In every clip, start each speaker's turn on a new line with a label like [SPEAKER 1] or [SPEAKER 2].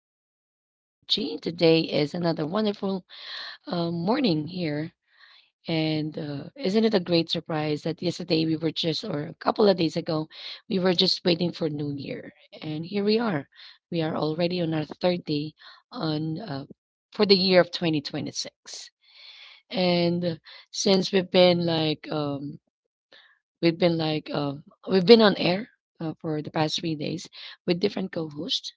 [SPEAKER 1] to Daily Talk with G. Today is another wonderful morning here. And isn't it a great surprise that yesterday we were just, or a couple of days ago, we were just waiting for New Year. And here we are. We are already on our third day on for the year of 2026. And since we've been like, we've been we've been on air for the past 3 days with different co-hosts,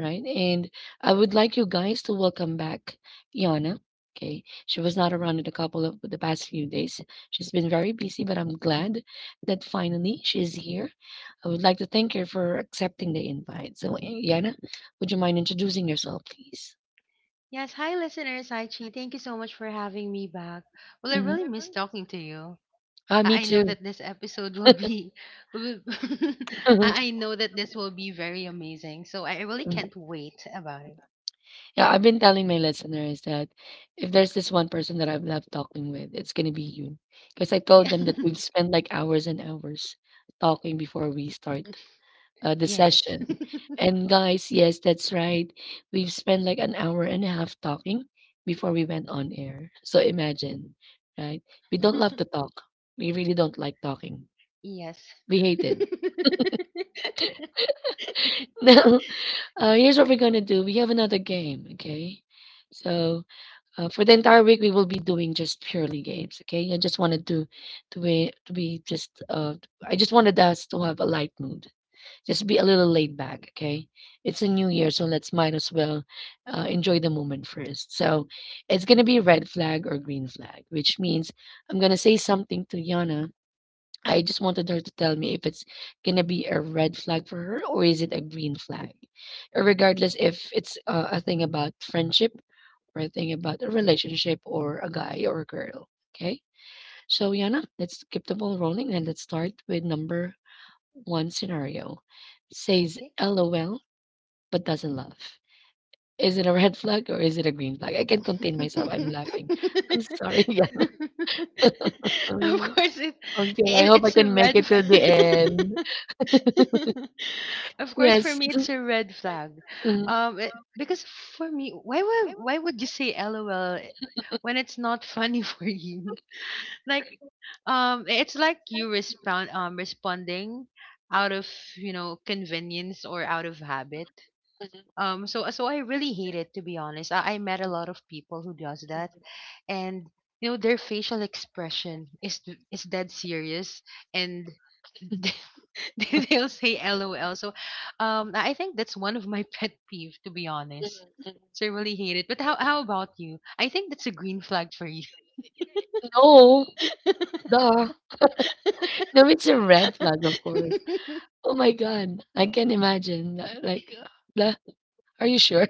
[SPEAKER 1] right? And I would like you guys to welcome back Yana. Okay, she was not around in a couple of the past few days. She's been very busy, but I'm glad that finally she's here. I would like to thank her for accepting the invite. So, Yana, would you mind introducing yourself, please?
[SPEAKER 2] Yes, hi listeners. Hi Chi, thank you so much for having me back. Well, I really
[SPEAKER 1] Mhm.
[SPEAKER 2] miss talking to you.
[SPEAKER 1] Ah, me
[SPEAKER 2] I know
[SPEAKER 1] too.
[SPEAKER 2] that this episode will be, will- I know that this will be very amazing. So I really can't wait about it.
[SPEAKER 1] Yeah, I've been telling my listeners that if there's this one person that I've loved talking with, it's gonna be you. Because I told
[SPEAKER 2] Yeah.
[SPEAKER 1] them that we've spent like hours and hours talking before we start the
[SPEAKER 2] Yes.
[SPEAKER 1] session. And guys, yes, that's right. We've spent like an hour and a half talking before we went on air. So imagine, right? We don't love to talk. We really don't like talking.
[SPEAKER 2] Yes.
[SPEAKER 1] We hate it. Now, here's what we're gonna do. We have another game, okay? So for the entire week, we will be doing just purely games, okay? I just wanted to be just I just wanted us to have a light mood, just be a little laid back, okay? It's a new year, so let's might as well enjoy the moment first. So it's gonna be red flag or green flag, which means I'm gonna say something to Yana. I just wanted her to tell me if it's gonna be a red flag for her or is it a green flag. Regardless if it's a thing about friendship or a thing about a relationship or a guy or a girl, okay? So Yana, let's keep the ball rolling and let's start with number one. Scenario says
[SPEAKER 2] Okay.
[SPEAKER 1] LOL but doesn't laugh. Is it a red flag or is it a green flag? I can't contain myself. I'm laughing. I'm sorry, guys.
[SPEAKER 2] of
[SPEAKER 1] Um,
[SPEAKER 2] course, it,
[SPEAKER 1] okay, I
[SPEAKER 2] it
[SPEAKER 1] hope I
[SPEAKER 2] it's a
[SPEAKER 1] can make
[SPEAKER 2] red.
[SPEAKER 1] it to
[SPEAKER 2] F-
[SPEAKER 1] the end.
[SPEAKER 2] Of course, for
[SPEAKER 1] Yes.
[SPEAKER 2] me, it's a red flag.
[SPEAKER 1] Mhm.
[SPEAKER 2] Because for me, why would you say LOL when it's not funny for you? Like, it's like you respond responding out of, you know, convenience or out of habit. So I really hate it, to be honest. I met a lot of people who does that, and, you know, their facial expression is dead serious, and they'll say lol. So I think that's one of my pet peeve, to be honest. So I really hate it. But how about you? I think that's a green flag for you.
[SPEAKER 1] No, duh. No, it's a red flag, of course. Oh my God. I can imagine. Like, duh. Are you sure?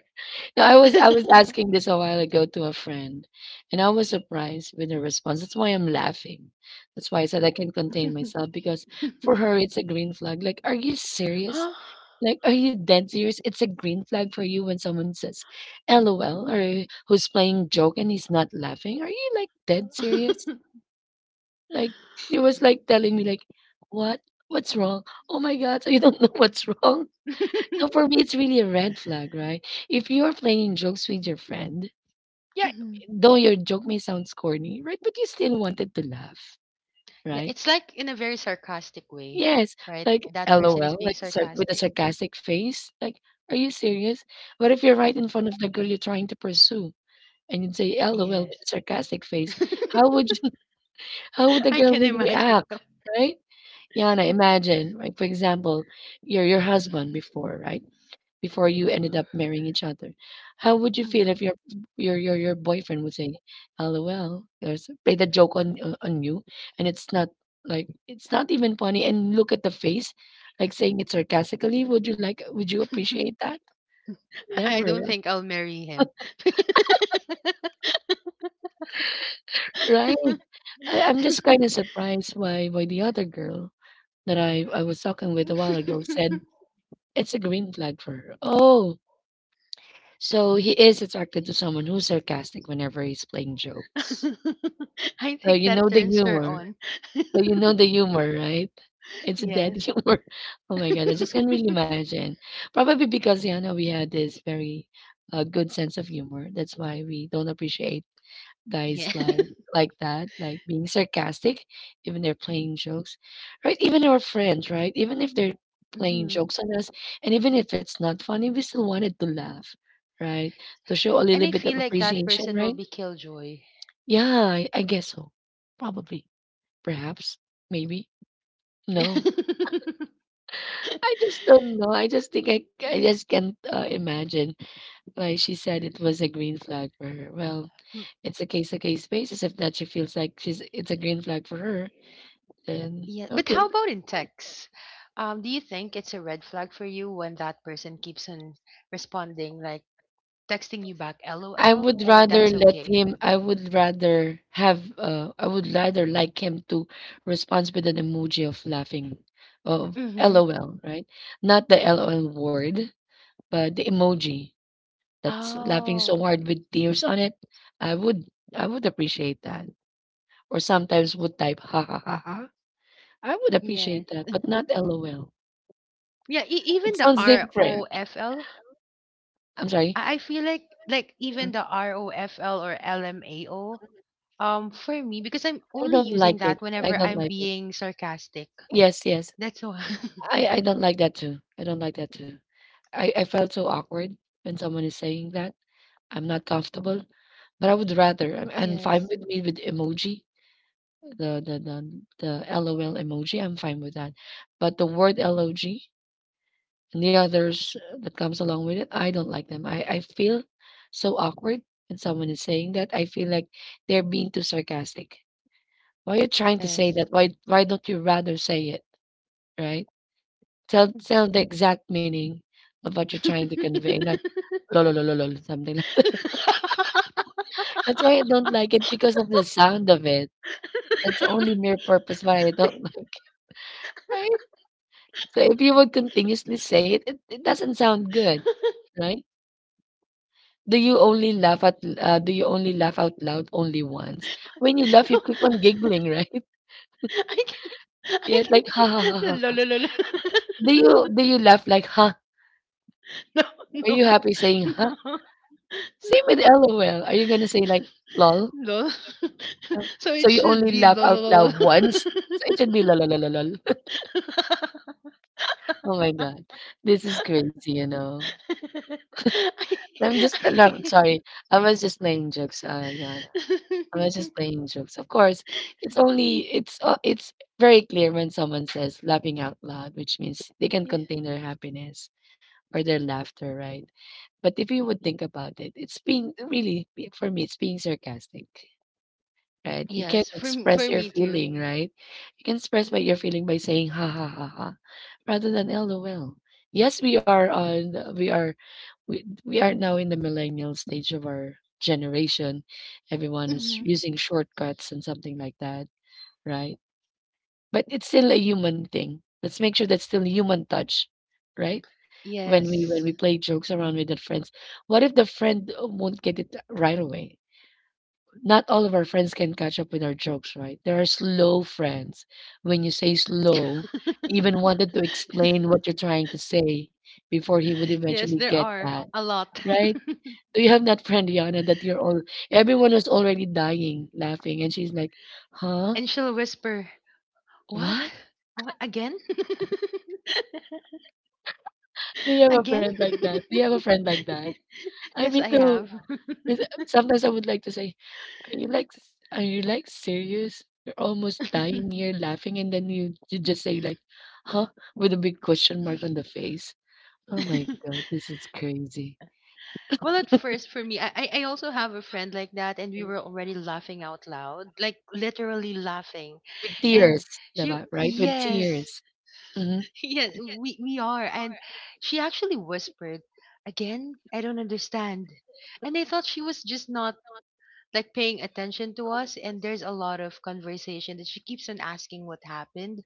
[SPEAKER 1] No, I was asking this a while ago to a friend, and I was surprised with her response. That's why I'm laughing. That's why I said I can't contain myself because for her it's a green flag. Like, are you serious?
[SPEAKER 2] Huh?
[SPEAKER 1] Like, are you dead serious? It's a green flag for you when someone says LOL or who's playing joke and he's not laughing. Are you like dead serious? Like she was like telling me like, what? What's wrong? Oh my God, so you don't know what's wrong? Now for me it's really a red flag, right? If you are playing jokes with your friend,
[SPEAKER 2] Mhm.
[SPEAKER 1] though your joke may sound corny, right? But you still wanted to laugh,
[SPEAKER 2] Yeah,
[SPEAKER 1] right?
[SPEAKER 2] it's like in a very sarcastic way,
[SPEAKER 1] Yes,
[SPEAKER 2] right?
[SPEAKER 1] like
[SPEAKER 2] That person is
[SPEAKER 1] LOL,
[SPEAKER 2] being
[SPEAKER 1] like with a
[SPEAKER 2] sarcastic.
[SPEAKER 1] sarcastic face. Like, are you serious? What if you're right in front of the girl you're trying to pursue and you'd say LOL with a
[SPEAKER 2] Yes.
[SPEAKER 1] sarcastic face? How would you, how would the
[SPEAKER 2] I
[SPEAKER 1] girl
[SPEAKER 2] can
[SPEAKER 1] would
[SPEAKER 2] imagine.
[SPEAKER 1] react, right? Yana, imagine, right? For example, your husband before, right? Before you ended up marrying each other. How would you feel
[SPEAKER 2] Mhm.
[SPEAKER 1] if your boyfriend would say, "LOL," there's played a joke on you, and it's not like it's not even funny, and look at the face, like saying it sarcastically. Would you like? Would you appreciate that?
[SPEAKER 2] I
[SPEAKER 1] Never,
[SPEAKER 2] don't think I'll marry him.
[SPEAKER 1] right? I'm just kind of surprised why the other girl that I was talking with a while ago said it's a green flag for her. Oh, so he is attracted to someone who's sarcastic whenever he's playing jokes.
[SPEAKER 2] I
[SPEAKER 1] So
[SPEAKER 2] think
[SPEAKER 1] you know
[SPEAKER 2] that
[SPEAKER 1] the
[SPEAKER 2] turns her
[SPEAKER 1] humor.
[SPEAKER 2] on.
[SPEAKER 1] So you know the humor, right? It's that
[SPEAKER 2] Yes.
[SPEAKER 1] humor. Oh my God, I just can't really imagine. Probably because you know we had this very good sense of humor. That's why we don't appreciate guys
[SPEAKER 2] Yeah.
[SPEAKER 1] like that, like being sarcastic, even they're playing jokes, right? Even our friends, right? Even if they're playing
[SPEAKER 2] Mhm.
[SPEAKER 1] jokes on us, and even if it's not funny, we still wanted to laugh, right? To show a
[SPEAKER 2] And
[SPEAKER 1] little
[SPEAKER 2] I
[SPEAKER 1] bit of
[SPEAKER 2] feel like that
[SPEAKER 1] appreciation,
[SPEAKER 2] person will
[SPEAKER 1] right?
[SPEAKER 2] be killjoy.
[SPEAKER 1] Yeah, I guess so. Probably. Perhaps, maybe? No. I just don't know. I just think I just can't, imagine why she said it was a green flag for her. Well, it's a case-to-case basis. If that she feels like she's it's a green flag for her, then
[SPEAKER 2] Yeah. But
[SPEAKER 1] okay.
[SPEAKER 2] how about in texts? Do you think it's a red flag for you when that person keeps on responding, like texting you back
[SPEAKER 1] I
[SPEAKER 2] LOL,
[SPEAKER 1] would
[SPEAKER 2] or
[SPEAKER 1] rather
[SPEAKER 2] that's
[SPEAKER 1] let
[SPEAKER 2] okay?
[SPEAKER 1] him I would rather have, I would rather like him to respond with an emoji of laughing, of
[SPEAKER 2] Mm-hmm.
[SPEAKER 1] LOL, right? Not the LOL word, but the emoji. That's, mm, laughing
[SPEAKER 2] Oh,
[SPEAKER 1] so hard with tears on it, I would I would appreciate that. Or sometimes would type ha ha. I would
[SPEAKER 2] yes.
[SPEAKER 1] appreciate that, but not LOL.
[SPEAKER 2] Yeah, e- even
[SPEAKER 1] It
[SPEAKER 2] the
[SPEAKER 1] sounds different.
[SPEAKER 2] ROFL.
[SPEAKER 1] I'm sorry.
[SPEAKER 2] I feel like even the ROFL or LMAO, for me, because I'm
[SPEAKER 1] I
[SPEAKER 2] only
[SPEAKER 1] don't
[SPEAKER 2] using
[SPEAKER 1] like it.
[SPEAKER 2] that
[SPEAKER 1] I
[SPEAKER 2] whenever
[SPEAKER 1] don't
[SPEAKER 2] I'm
[SPEAKER 1] like it.
[SPEAKER 2] being sarcastic.
[SPEAKER 1] Yes, yes.
[SPEAKER 2] That's all.
[SPEAKER 1] I don't like that too. I don't like that too. I felt so awkward when someone is saying that. I'm not comfortable. But I would rather I fine
[SPEAKER 2] Yes.
[SPEAKER 1] with me with emoji. The the the the LOL emoji, I'm fine with that. But the word LOG and the others that comes along with it, I don't like them. I feel so awkward when someone is saying that. I feel like they're being too sarcastic. Why are you trying to say
[SPEAKER 2] Yes.
[SPEAKER 1] that? Why don't you rather say it? Right? Tell
[SPEAKER 2] Mhm.
[SPEAKER 1] tell the exact meaning of what you're trying to convey, not lololololol, something like that. That's why I don't like it because of the sound of it. That's the only mere purpose why I don't like it. Right? So if you would continuously say it, it doesn't sound good, right? Do you only laugh at do you only laugh out loud only once? When you laugh, you
[SPEAKER 2] No.
[SPEAKER 1] keep on giggling, right?
[SPEAKER 2] I can I
[SPEAKER 1] Yeah,
[SPEAKER 2] can
[SPEAKER 1] like ha ha ha
[SPEAKER 2] No,
[SPEAKER 1] ha.
[SPEAKER 2] no, no, no.
[SPEAKER 1] Do you laugh like ha?
[SPEAKER 2] No,
[SPEAKER 1] Are you
[SPEAKER 2] no,
[SPEAKER 1] happy saying ha?
[SPEAKER 2] no,
[SPEAKER 1] Same
[SPEAKER 2] no.
[SPEAKER 1] with LOL. Are you gonna say like lol?
[SPEAKER 2] Lol.
[SPEAKER 1] Uh,
[SPEAKER 2] So
[SPEAKER 1] So
[SPEAKER 2] it
[SPEAKER 1] you
[SPEAKER 2] should
[SPEAKER 1] only
[SPEAKER 2] be
[SPEAKER 1] laugh out
[SPEAKER 2] lol.
[SPEAKER 1] loud once. So it should be lol lol lol. Lol. Oh my God, this is crazy, you know.
[SPEAKER 2] I,
[SPEAKER 1] I'm just
[SPEAKER 2] I,
[SPEAKER 1] no, I'm sorry. I was just playing jokes. Yeah. I was just playing jokes. Of course, it's only it's very clear when someone says laughing out loud, which means they can
[SPEAKER 2] yeah.
[SPEAKER 1] contain their happiness or their laughter, right? But if you would think about it, it's being really for me, it's being sarcastic, right? You can
[SPEAKER 2] Yes,
[SPEAKER 1] express
[SPEAKER 2] for
[SPEAKER 1] your
[SPEAKER 2] me too.
[SPEAKER 1] feeling, right? You can express by your feeling by saying ha ha ha ha rather than lol. Yes, we are on we are now in the millennial stage of our generation. Everyone is
[SPEAKER 2] Mhm.
[SPEAKER 1] using shortcuts and something like that, right? But it's still a human thing. Let's make sure that's still human touch, right? When we
[SPEAKER 2] Yes,
[SPEAKER 1] play jokes around with our friends, what if the friend won't get it right away? Not all of our friends can catch up with our jokes, right? There are slow friends. When you say slow, even wanted to explain what you're trying to say before he would
[SPEAKER 2] yes,
[SPEAKER 1] eventually
[SPEAKER 2] there
[SPEAKER 1] get
[SPEAKER 2] are
[SPEAKER 1] that,
[SPEAKER 2] a lot.
[SPEAKER 1] right? Do you have that friend, Yana, that you're all everyone was already dying laughing and she's like, "Huh?
[SPEAKER 2] And she'll whisper, "What?
[SPEAKER 1] What?"
[SPEAKER 2] What again?
[SPEAKER 1] Do you have a
[SPEAKER 2] Again?"
[SPEAKER 1] friend like that? Do you have a friend like that? I
[SPEAKER 2] Yes,
[SPEAKER 1] mean
[SPEAKER 2] I
[SPEAKER 1] too.
[SPEAKER 2] have.
[SPEAKER 1] Is- Sometimes I would like to say, "Are you like are you like serious? You're almost dying here laughing and then you just say like, "Huh?" with a big question mark on the face. Oh my God, this is crazy.
[SPEAKER 2] Well, at first, for me, I also have a friend like that, and we were already laughing out loud, like literally laughing,
[SPEAKER 1] With tears,
[SPEAKER 2] and she,
[SPEAKER 1] diba? Right? With
[SPEAKER 2] yes,
[SPEAKER 1] tears. Mm-hmm.
[SPEAKER 2] yeah, we are. And she actually whispered, "Again, I don't understand." And I thought she was just not, like, paying attention to us. And there's a lot of conversation that she keeps on asking what happened.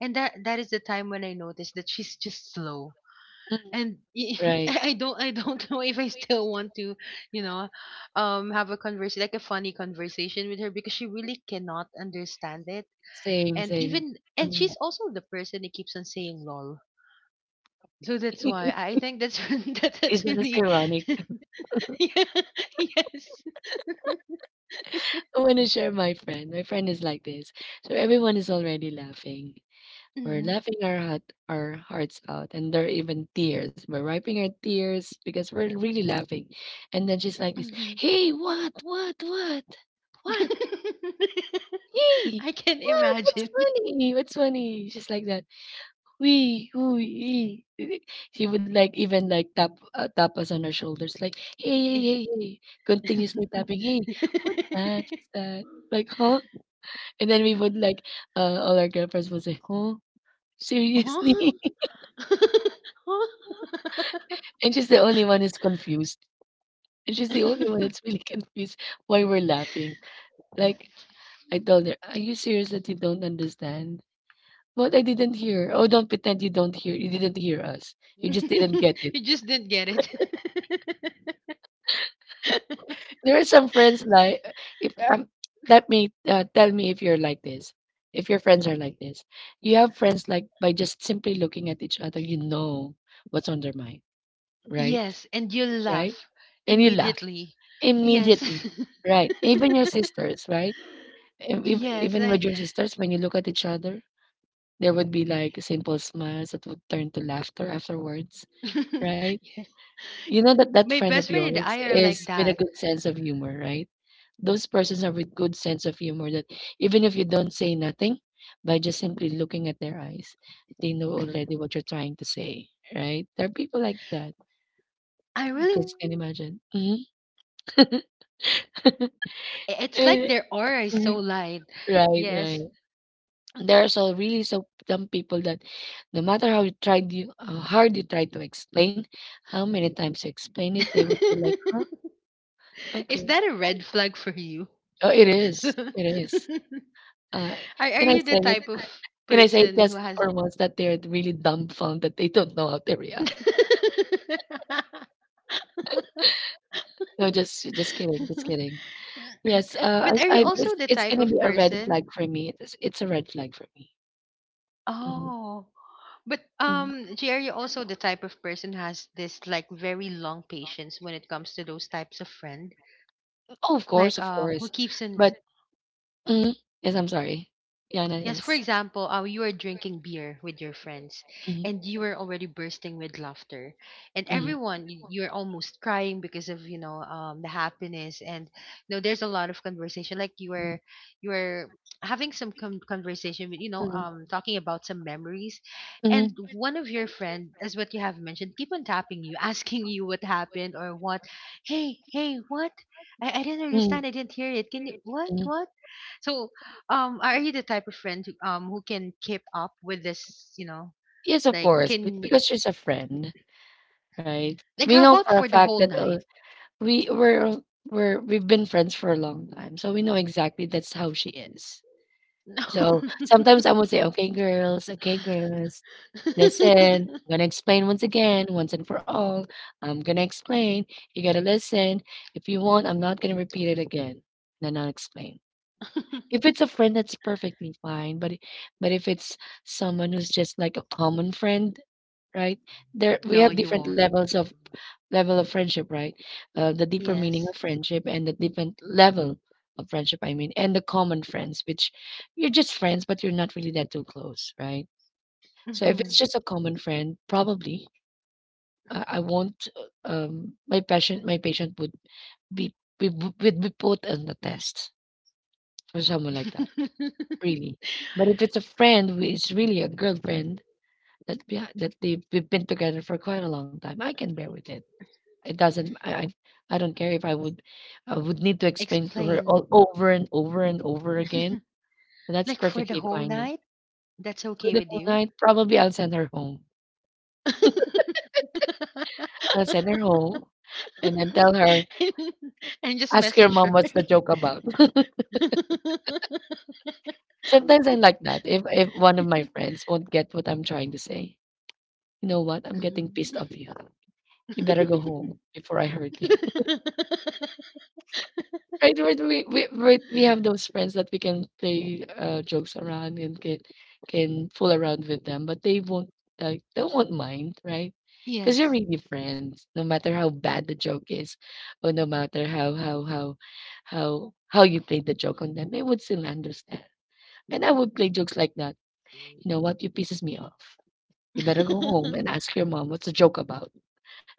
[SPEAKER 2] And that is the time when I noticed that she's just slow.
[SPEAKER 1] Mm-hmm.
[SPEAKER 2] And y-
[SPEAKER 1] Right.
[SPEAKER 2] I don't know if I still want to, you know, have a conversation, like a funny conversation with her, because she really cannot understand it.
[SPEAKER 1] Same,
[SPEAKER 2] And
[SPEAKER 1] same.
[SPEAKER 2] even, and
[SPEAKER 1] Mm.
[SPEAKER 2] she's also the person who keeps on saying lol, so that's why I think that's that's
[SPEAKER 1] Isn't this
[SPEAKER 2] actually
[SPEAKER 1] ironic?
[SPEAKER 2] yeah. Yes.
[SPEAKER 1] I want to share my friend. My friend is like this. So everyone is already laughing. We're
[SPEAKER 2] Hmm.
[SPEAKER 1] laughing our heart, our hearts out, and there are even tears. We're wiping our tears because we're really laughing. And then she's like this,
[SPEAKER 2] Hmm.
[SPEAKER 1] "Hey, what, what? Hey,
[SPEAKER 2] I can
[SPEAKER 1] what? What's
[SPEAKER 2] imagine.
[SPEAKER 1] funny? What's funny?" She's like that. We, we, she would like even like tap tap us on our shoulders, like, "Hey, hey, hey, hey!"
[SPEAKER 2] Yeah.
[SPEAKER 1] Continuously tapping. Hey, what's that? What's that? Like, huh? And then we would like, all our girlfriends would say, huh?
[SPEAKER 2] Huh?
[SPEAKER 1] Seriously?
[SPEAKER 2] Huh?
[SPEAKER 1] And she's the only one who's confused. And she's the only one that's really confused why we're laughing. Like, I told her, are you serious that you don't understand? But I didn't hear. Oh, don't pretend you don't hear. You didn't hear us. You just didn't get it.
[SPEAKER 2] You just didn't get it.
[SPEAKER 1] There are some friends like, if let me tell me if you're like this, if your friends are like this. You have friends like by just simply looking at each other, you know, what's on their mind, right?
[SPEAKER 2] Yes, and you
[SPEAKER 1] Right,
[SPEAKER 2] laugh
[SPEAKER 1] and you laugh
[SPEAKER 2] immediately. Yes.
[SPEAKER 1] immediately, right? Even your sisters, right?
[SPEAKER 2] Yes,
[SPEAKER 1] Even
[SPEAKER 2] I
[SPEAKER 1] with your sisters, when you look at each other, there would be like simple smiles that would turn to laughter afterwards, right?
[SPEAKER 2] yes.
[SPEAKER 1] You know that that
[SPEAKER 2] My
[SPEAKER 1] friend of
[SPEAKER 2] best friend and
[SPEAKER 1] yours
[SPEAKER 2] I are like
[SPEAKER 1] is with a
[SPEAKER 2] that.
[SPEAKER 1] good sense of humor, right? Those persons are with good sense of humor that even if you don't say nothing, by just simply looking at their eyes, they know already what you're trying to say, right? There are people like that.
[SPEAKER 2] I
[SPEAKER 1] I
[SPEAKER 2] really
[SPEAKER 1] just
[SPEAKER 2] want to
[SPEAKER 1] can
[SPEAKER 2] be with
[SPEAKER 1] imagine. Hmm.
[SPEAKER 2] people who keeps on laughing. I- It's like
[SPEAKER 1] Eh,
[SPEAKER 2] their aura is so
[SPEAKER 1] mm,
[SPEAKER 2] light.
[SPEAKER 1] Right, right.
[SPEAKER 2] Yes.
[SPEAKER 1] There are so really so some people that no matter how you tried, you, how hard you try to explain, how many times you explain it, they would be like, huh?
[SPEAKER 2] Is
[SPEAKER 1] Okay.
[SPEAKER 2] that a red flag for you?
[SPEAKER 1] Oh, it is,
[SPEAKER 2] are
[SPEAKER 1] it is. uh,
[SPEAKER 2] are
[SPEAKER 1] can I
[SPEAKER 2] you the
[SPEAKER 1] say it?
[SPEAKER 2] type of
[SPEAKER 1] Can I say it
[SPEAKER 2] person who
[SPEAKER 1] just
[SPEAKER 2] has
[SPEAKER 1] for once that they're really dumbfounded that they don't know how to react? No, just just kidding, just kidding. Yes, uh
[SPEAKER 2] but are you
[SPEAKER 1] i, I
[SPEAKER 2] also
[SPEAKER 1] it's,
[SPEAKER 2] the
[SPEAKER 1] it's
[SPEAKER 2] type
[SPEAKER 1] gonna be
[SPEAKER 2] of
[SPEAKER 1] a red
[SPEAKER 2] person?
[SPEAKER 1] flag for me, it's a red flag for me. Mhm.
[SPEAKER 2] Oh. But
[SPEAKER 1] Mhm.
[SPEAKER 2] G, are you also the type of person who has this, like, very long patience when it comes to those types of friends?
[SPEAKER 1] Oh, of course,
[SPEAKER 2] like
[SPEAKER 1] of
[SPEAKER 2] um who
[SPEAKER 1] course.
[SPEAKER 2] keeps in
[SPEAKER 1] mm, yes, I'm sorry. Yana,
[SPEAKER 2] yes, for
[SPEAKER 1] yes.
[SPEAKER 2] example, you are drinking beer with your friends,
[SPEAKER 1] Mhm,
[SPEAKER 2] and you are already bursting with laughter, and everyone, you, you're almost crying because of, you know, the happiness, and, you know, there's a lot of conversation. Like, you
[SPEAKER 1] mhm.
[SPEAKER 2] are you are having some conversation with, you know, talking about some memories,
[SPEAKER 1] Mhm.
[SPEAKER 2] and one of your friend, as what you have mentioned, keep on tapping you asking you what happened or what, hey hey what, I didn't understand, I didn't hear it, can you, what what. So are you the type of friend who can keep up with this? You know,
[SPEAKER 1] Yes, of
[SPEAKER 2] like
[SPEAKER 1] course, be
[SPEAKER 2] can,
[SPEAKER 1] because she's a friend, right?
[SPEAKER 2] like,
[SPEAKER 1] We
[SPEAKER 2] how
[SPEAKER 1] know
[SPEAKER 2] about
[SPEAKER 1] for a
[SPEAKER 2] for the
[SPEAKER 1] fact
[SPEAKER 2] whole
[SPEAKER 1] that
[SPEAKER 2] night?
[SPEAKER 1] we're we're we've been friends for a long time, so we know exactly that's how she is. So sometimes I would say, okay, girls, listen. I'm gonna explain once again, once and for all. I'm gonna explain. You gotta listen. If you want, I'm not gonna repeat it again. Then I'll explain. If it's a friend, that's perfectly fine. But if it's someone who's just like a common friend, right? There we
[SPEAKER 2] No, no,
[SPEAKER 1] have
[SPEAKER 2] you
[SPEAKER 1] different
[SPEAKER 2] won't.
[SPEAKER 1] levels of level of friendship, right? The deeper meaning
[SPEAKER 2] Yes.
[SPEAKER 1] of friendship and the different level of friendship, I mean, and the common friends, which you're just friends, but you're not really that too close, right? So if
[SPEAKER 2] Hmm.
[SPEAKER 1] it's just a common friend, probably I won't. My patient, my patient would be, we would be put on the test for someone like that, really. But if it's a friend who is really a girlfriend that that they we've been together for quite a long time, I can bear with it. It doesn't. I don't care if I would need to explain to her
[SPEAKER 2] Explain.
[SPEAKER 1] all over and over and over again. That's
[SPEAKER 2] Like for the
[SPEAKER 1] perfectly
[SPEAKER 2] whole
[SPEAKER 1] fine with
[SPEAKER 2] night,
[SPEAKER 1] me.
[SPEAKER 2] that's
[SPEAKER 1] For
[SPEAKER 2] okay
[SPEAKER 1] the
[SPEAKER 2] with
[SPEAKER 1] whole
[SPEAKER 2] you.
[SPEAKER 1] night, probably I'll send her home. I'll send her home and then tell her,
[SPEAKER 2] And just
[SPEAKER 1] ask your
[SPEAKER 2] message
[SPEAKER 1] mom
[SPEAKER 2] her.
[SPEAKER 1] what's the joke about. Sometimes I like that. If one of my friends won't get what I'm trying to say, you know what? I'm getting pissed
[SPEAKER 2] Mm.
[SPEAKER 1] off you. You better go home before I hurt you. Right, right, we right, we have those friends that we can play jokes around and can fool around with them, but they won't, like they won't mind, right? Because you're
[SPEAKER 2] Yes.
[SPEAKER 1] really friends, no matter how bad the joke is, or no matter how you played the joke on them, they would still understand. And I would play jokes like that. You know what? You pisses me off. You better go home and ask your mom what's the joke about.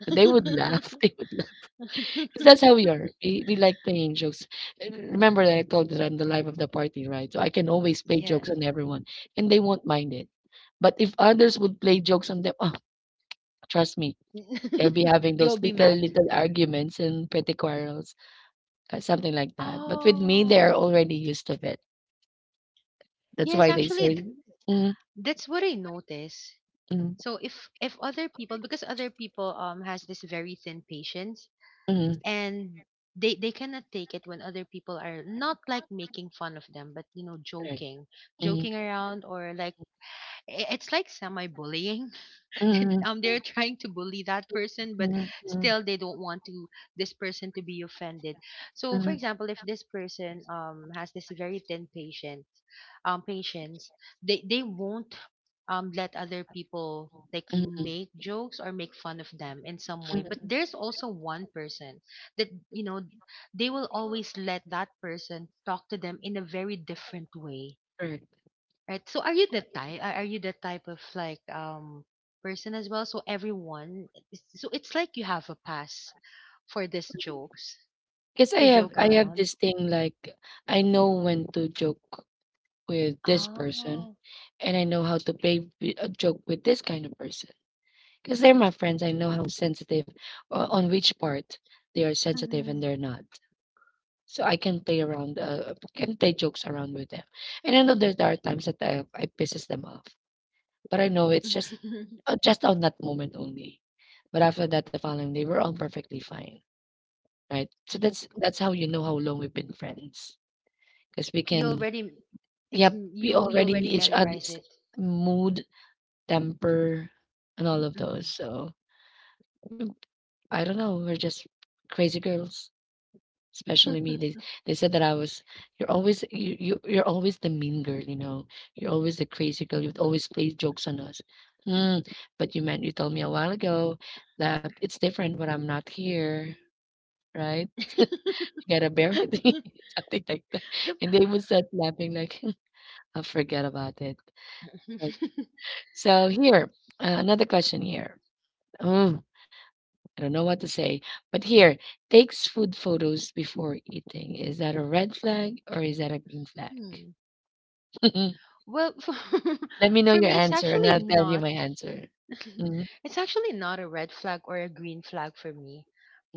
[SPEAKER 1] But they would laugh. They would laugh. 'Cause that's how we are. We like playing jokes. Remember that I told you that I'm the life of the party, right? So I can always play jokes on
[SPEAKER 2] Yes.
[SPEAKER 1] everyone, and they won't mind it. But if others would play jokes on them, oh, trust me, they'll be having those
[SPEAKER 2] You'll be
[SPEAKER 1] little
[SPEAKER 2] mad.
[SPEAKER 1] little arguments and petty quarrels, something like that. But with me, they
[SPEAKER 2] Oh,
[SPEAKER 1] are already used to it. That's
[SPEAKER 2] yes,
[SPEAKER 1] why they say, mm,
[SPEAKER 2] that's what I notice.
[SPEAKER 1] mm,
[SPEAKER 2] So if other people, because other people has this very thin patience,
[SPEAKER 1] mm,
[SPEAKER 2] and they cannot take it when other people are not, like, making fun of them, but, you know,
[SPEAKER 1] correct,
[SPEAKER 2] joking,
[SPEAKER 1] mm,
[SPEAKER 2] joking around, or like, I- it's like semi bullying. Then,
[SPEAKER 1] mm,
[SPEAKER 2] they're trying to bully that person, but
[SPEAKER 1] mm, mm,
[SPEAKER 2] still they don't want to this person to be offended. So, for example, if this person has this very patience, they won't let other people like
[SPEAKER 1] mm, mm,
[SPEAKER 2] make jokes or make fun of them in some way, but
[SPEAKER 1] mm,
[SPEAKER 2] there's also one person that, you know, they will always let that person talk to them in a very different way.
[SPEAKER 1] correct.
[SPEAKER 2] Right. So are you the type are you the type of, like, person as well? So everyone, so it's like you have a pass for these jokes
[SPEAKER 1] Because I
[SPEAKER 2] to
[SPEAKER 1] have,
[SPEAKER 2] joke
[SPEAKER 1] I have
[SPEAKER 2] around.
[SPEAKER 1] this thing like I know when to joke with this person,
[SPEAKER 2] Oh.
[SPEAKER 1] and I know how to play a joke with this kind of person. Because they're my friends, I know how sensitive, or on which part they are sensitive and
[SPEAKER 2] Mhm.
[SPEAKER 1] they're not. So I can play around, can play jokes around with them. And I know that there are times that I pisses them off, but I know it's just on that moment only. But after that, the following day, we're all perfectly fine, right? So
[SPEAKER 2] Yes.
[SPEAKER 1] that's how you know how long we've been friends, because we
[SPEAKER 2] You
[SPEAKER 1] can,
[SPEAKER 2] already, it's
[SPEAKER 1] yep, we
[SPEAKER 2] you
[SPEAKER 1] already
[SPEAKER 2] already
[SPEAKER 1] each
[SPEAKER 2] memorize
[SPEAKER 1] other's
[SPEAKER 2] it.
[SPEAKER 1] mood, temper, and all of those.
[SPEAKER 2] Mhm.
[SPEAKER 1] So, mm, I don't know, we're just crazy girls, especially me. They said that I was, you're always, you're always the mean girl, you know. You're always the crazy girl. You'd always play jokes on us. Mm, but you meant you told me a while ago that it's different when I'm not here, right? You gotta bear with me, something like that.
[SPEAKER 2] So-
[SPEAKER 1] And they would start laughing like, I'll forget about it. Like, so here, another question here. Mm, I don't know what to say. But here, takes food photos before eating. Is that a red flag or is that a green flag?
[SPEAKER 2] Hmm. Well,
[SPEAKER 1] Let me know
[SPEAKER 2] for
[SPEAKER 1] your
[SPEAKER 2] me, it's
[SPEAKER 1] answer and
[SPEAKER 2] actually
[SPEAKER 1] I'll tell you
[SPEAKER 2] not.
[SPEAKER 1] my answer. Mhm,
[SPEAKER 2] It's actually not a red flag or a green flag for me,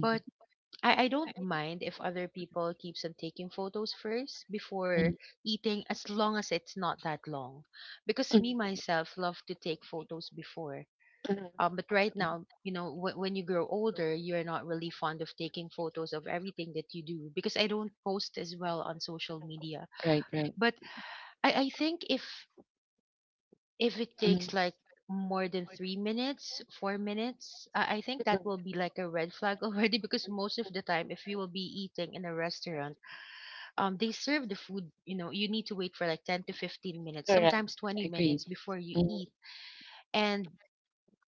[SPEAKER 2] but I don't mind if other people keeps on taking photos first before
[SPEAKER 1] mhm,
[SPEAKER 2] eating, as long as it's not that long, because me myself love to take photos before.
[SPEAKER 1] mhm.
[SPEAKER 2] But right now, you know, w- when you grow older, you're not really fond of taking photos of everything that you do, because I don't post as well on social media.
[SPEAKER 1] Right, right.
[SPEAKER 2] But I think if it takes like more than 3 minutes, 4 minutes, I think that will be like a red flag already, because most of the time, if you will be eating in a restaurant, they serve the food, you know, you need to wait for like 10 to 15 minutes, sometimes 20
[SPEAKER 1] Agreed.
[SPEAKER 2] minutes before you
[SPEAKER 1] Mm.
[SPEAKER 2] eat, and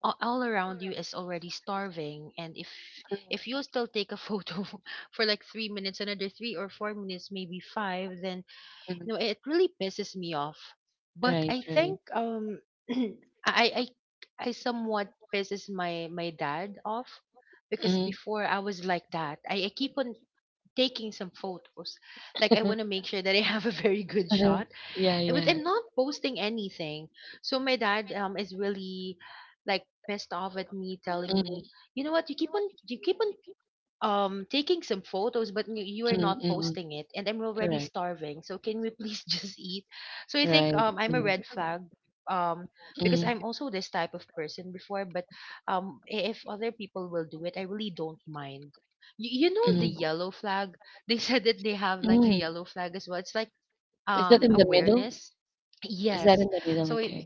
[SPEAKER 2] a- all around you is already starving. And if you'll still take a photo for like 3 minutes, another 3 or 4 minutes, maybe 5, then, you know, it really pisses me off. but
[SPEAKER 1] Right,
[SPEAKER 2] i
[SPEAKER 1] right.
[SPEAKER 2] think um i i I somewhat pisses my my dad off, because
[SPEAKER 1] Mm.
[SPEAKER 2] before I was like that, I keep on taking some photos. Like I want to make sure that I have a very good shot.
[SPEAKER 1] Yeah,
[SPEAKER 2] Eh, but
[SPEAKER 1] yeah.
[SPEAKER 2] I'm not posting anything. So my dad is really like pissed off at me, telling
[SPEAKER 1] Mm.
[SPEAKER 2] me, you know what, you keep on taking some photos, but you are not posting it, and I'm already starving, so can we please just eat. So I think
[SPEAKER 1] Right.
[SPEAKER 2] I'm a red flag, um because
[SPEAKER 1] Mm,
[SPEAKER 2] I'm also this type of person before. But I- if other people will do it, I really don't mind. You know, the
[SPEAKER 1] mm,
[SPEAKER 2] yellow flag, they said that they have like a
[SPEAKER 1] mm.
[SPEAKER 2] yellow flag as well. It's like
[SPEAKER 1] Is
[SPEAKER 2] awareness.
[SPEAKER 1] is that
[SPEAKER 2] Yes.
[SPEAKER 1] in the,
[SPEAKER 2] so it,
[SPEAKER 1] like,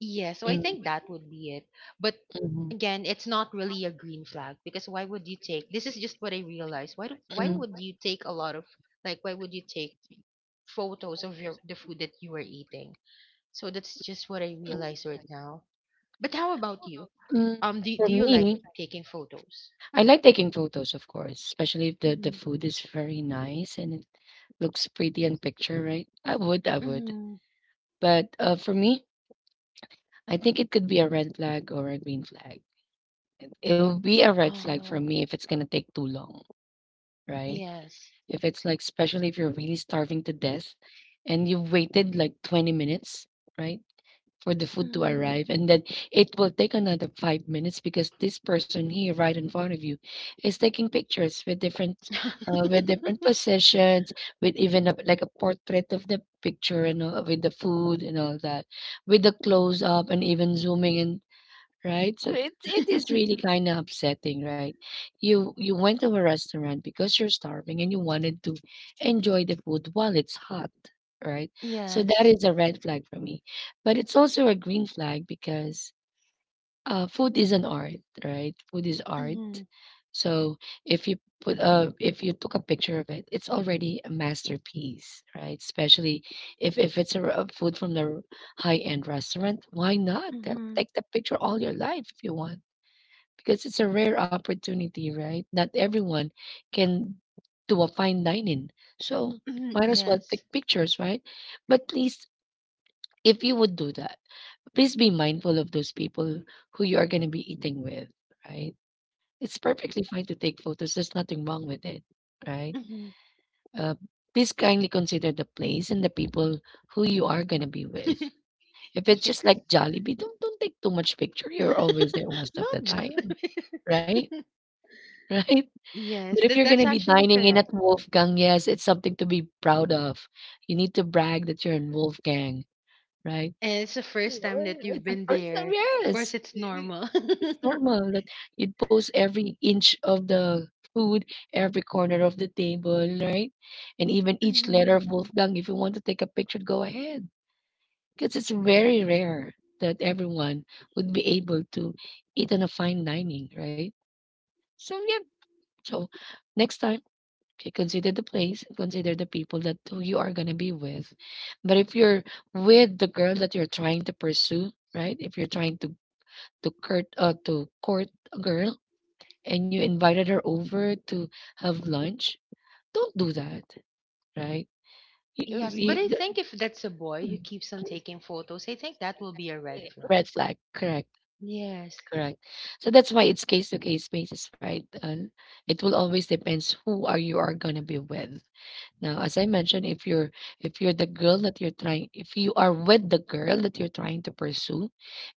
[SPEAKER 2] yeah, so I think
[SPEAKER 1] mm,
[SPEAKER 2] that would be it. But
[SPEAKER 1] mm,
[SPEAKER 2] again, it's not really a green flag, because why would you take, this is just what I realized, why
[SPEAKER 1] mm,
[SPEAKER 2] would you take a lot of, like, why would you take photos of your the food that you are eating? So that's just what I realize right
[SPEAKER 1] mm.
[SPEAKER 2] now. But how about you?
[SPEAKER 1] Mm.
[SPEAKER 2] Do, do
[SPEAKER 1] For
[SPEAKER 2] you like
[SPEAKER 1] me,
[SPEAKER 2] taking photos?
[SPEAKER 1] I like taking photos, of course, especially if the, the
[SPEAKER 2] Mm-hmm.
[SPEAKER 1] food is very nice and looks pretty in picture, right? I would, I would.
[SPEAKER 2] Mm,
[SPEAKER 1] But for me, I think it could be a red flag or a green flag. It will be a red flag for
[SPEAKER 2] oh,
[SPEAKER 1] me if it's gonna take too long, right?
[SPEAKER 2] yes.
[SPEAKER 1] If it's like, especially if you're really starving to death and you've waited like 20 minutes, right? For the food to
[SPEAKER 2] Mm.
[SPEAKER 1] arrive and then it will take another 5 minutes because this person here right in front of you is taking pictures with different positions, with even a, like a portrait of the picture and all, with the food and all that, with the close up and even zooming in, right? So it is really kind of upsetting, right? You went to a restaurant because you're starving and you wanted to enjoy the food while it's hot, right? So that
[SPEAKER 2] Yes.
[SPEAKER 1] is a red flag for me. But it's also a green flag because food is an art, right? Food is art.
[SPEAKER 2] Mm-hmm.
[SPEAKER 1] So if you put if you took a picture of it, it's already a masterpiece, right? Especially if it's a, a food from the high end restaurant, why not?
[SPEAKER 2] Mm-hmm.
[SPEAKER 1] Take the picture all your life if you want, because it's a rare opportunity, right? Not everyone can do a fine dining, so might as well take
[SPEAKER 2] Yes.
[SPEAKER 1] pictures, right? But please, if you would do that, please be mindful of those people who you are going to be eating with, right? It's perfectly fine to take photos. There's nothing wrong with it, right?
[SPEAKER 2] Mm-hmm.
[SPEAKER 1] Uh, Please kindly consider the place and the people who you are going to be with. If it's
[SPEAKER 2] Yes.
[SPEAKER 1] just like Jollibee, don't take too much picture. You're always there most of
[SPEAKER 2] Not
[SPEAKER 1] the time,
[SPEAKER 2] Jollibee.
[SPEAKER 1] right? Right? But
[SPEAKER 2] Yes,
[SPEAKER 1] if you're going to
[SPEAKER 2] that's
[SPEAKER 1] be
[SPEAKER 2] actually
[SPEAKER 1] dining in at
[SPEAKER 2] correct.
[SPEAKER 1] Wolfgang, yes, it's something to be proud of. You need to brag that you're in Wolfgang, right?
[SPEAKER 2] And it's the first time
[SPEAKER 1] Sure,
[SPEAKER 2] that you've
[SPEAKER 1] it's the
[SPEAKER 2] been
[SPEAKER 1] first
[SPEAKER 2] there.
[SPEAKER 1] time,
[SPEAKER 2] Of course,
[SPEAKER 1] yes.
[SPEAKER 2] it's
[SPEAKER 1] Mhm.
[SPEAKER 2] normal.
[SPEAKER 1] It's normal that you'd post every inch of the food, every corner of the table, right? And even each letter
[SPEAKER 2] Mhm.
[SPEAKER 1] of Wolfgang, if you want to take a picture, go ahead. Because it's very rare that everyone would be able to eat on a fine dining, right? So, yeah. So, next time, okay, consider the place, consider the people that who you are going to be with. But if you're with the girl that you're trying to pursue, right? If you're trying to Kurt to court a girl and you invited her over to have lunch, don't do that, right? You, uh,
[SPEAKER 2] Yes, but
[SPEAKER 1] you,
[SPEAKER 2] I
[SPEAKER 1] the-
[SPEAKER 2] think if that's a boy who keeps on taking photos, I think that will be a red flag.
[SPEAKER 1] Red flag, correct,
[SPEAKER 2] Yes,
[SPEAKER 1] correct. So that's why it's case to case basis, right? And it will always depends who are you are gonna be with. Now, as I mentioned, if you're the girl that you're trying, if you are with the girl that you're trying to pursue,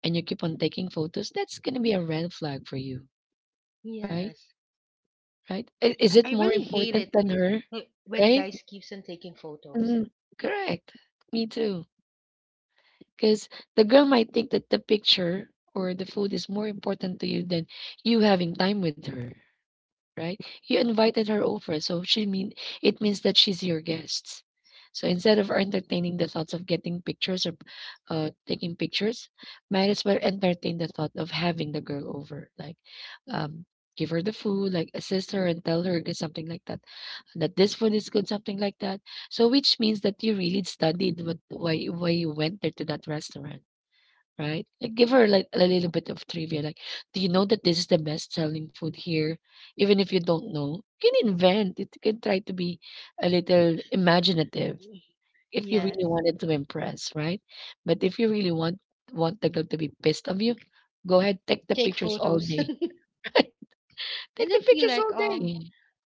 [SPEAKER 1] and you keep on taking photos, that's gonna be a red flag for you, right?
[SPEAKER 2] yes.
[SPEAKER 1] Right? I- Is
[SPEAKER 2] I
[SPEAKER 1] it more
[SPEAKER 2] really hate
[SPEAKER 1] important
[SPEAKER 2] it
[SPEAKER 1] than her?
[SPEAKER 2] wh- when
[SPEAKER 1] Right?
[SPEAKER 2] guys keeps on taking photos.
[SPEAKER 1] Mhm. Correct. Me too. Because the girl might think that the picture or the food is more important to you than you having time with her, right? You invited her over, so she mean it means that she's your guest. So instead of entertaining the thoughts of getting pictures or taking pictures, might as well entertain the thought of having the girl over, like give her the food, like assist her and tell her something like that. That this food is good, something like that. So which means that you really studied why you went there to that restaurant, right? Like give her like a little bit of trivia. Like, do you know that this is the best selling food here? Even if you don't know, you can invent. It you can try to be a little imaginative if you
[SPEAKER 2] Yes,
[SPEAKER 1] really wanted to impress, right? But if you really want the girl to be pissed of you, go ahead, take the
[SPEAKER 2] take
[SPEAKER 1] pictures all
[SPEAKER 2] photos.
[SPEAKER 1] day. Take the
[SPEAKER 2] And I feel
[SPEAKER 1] pictures all
[SPEAKER 2] like
[SPEAKER 1] day,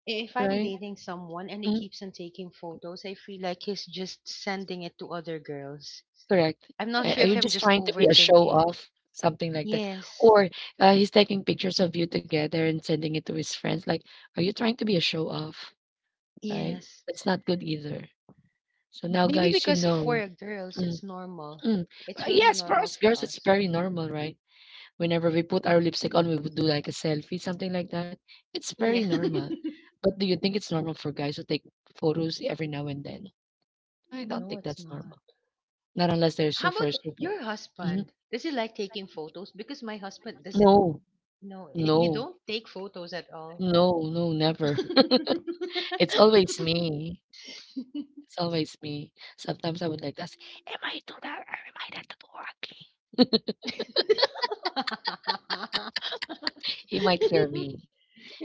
[SPEAKER 2] if I'm
[SPEAKER 1] right?
[SPEAKER 2] dating someone and he
[SPEAKER 1] Mm,
[SPEAKER 2] keeps on taking photos, I feel like he's just sending it to other girls.
[SPEAKER 1] correct.
[SPEAKER 2] I'm not sure
[SPEAKER 1] I
[SPEAKER 2] if I'm just
[SPEAKER 1] trying to be a show
[SPEAKER 2] overthinking.
[SPEAKER 1] off, something like that.
[SPEAKER 2] Yes,
[SPEAKER 1] Or he's taking pictures of you together and sending it to his friends. Like, are you trying to be a show off? Right?
[SPEAKER 2] yes.
[SPEAKER 1] That's not good either. So now,
[SPEAKER 2] Maybe
[SPEAKER 1] guys, you
[SPEAKER 2] because
[SPEAKER 1] know.
[SPEAKER 2] for girls,
[SPEAKER 1] Mm,
[SPEAKER 2] it's normal.
[SPEAKER 1] mm.
[SPEAKER 2] It's
[SPEAKER 1] But
[SPEAKER 2] really
[SPEAKER 1] yes, for
[SPEAKER 2] normal
[SPEAKER 1] us
[SPEAKER 2] for
[SPEAKER 1] girls, it's
[SPEAKER 2] us.
[SPEAKER 1] very normal, right? Whenever we put our lipstick on, we would do like a selfie, something like that. It's very
[SPEAKER 2] Yeah.
[SPEAKER 1] normal. But do you think it's normal for guys to take photos every now and then? I don't
[SPEAKER 2] No,
[SPEAKER 1] think
[SPEAKER 2] it's
[SPEAKER 1] that's
[SPEAKER 2] not.
[SPEAKER 1] normal. Not unless they're
[SPEAKER 2] How
[SPEAKER 1] super,
[SPEAKER 2] about
[SPEAKER 1] super.
[SPEAKER 2] your
[SPEAKER 1] Mhm.
[SPEAKER 2] husband? Does he like taking photos? Because my husband
[SPEAKER 1] No,
[SPEAKER 2] doesn't. No,
[SPEAKER 1] no.
[SPEAKER 2] he don't take photos at all.
[SPEAKER 1] No, no, never. It's always me. It's always me. Sometimes I would like ask, "Am I too loud or am I not too ugly?" He might hear me,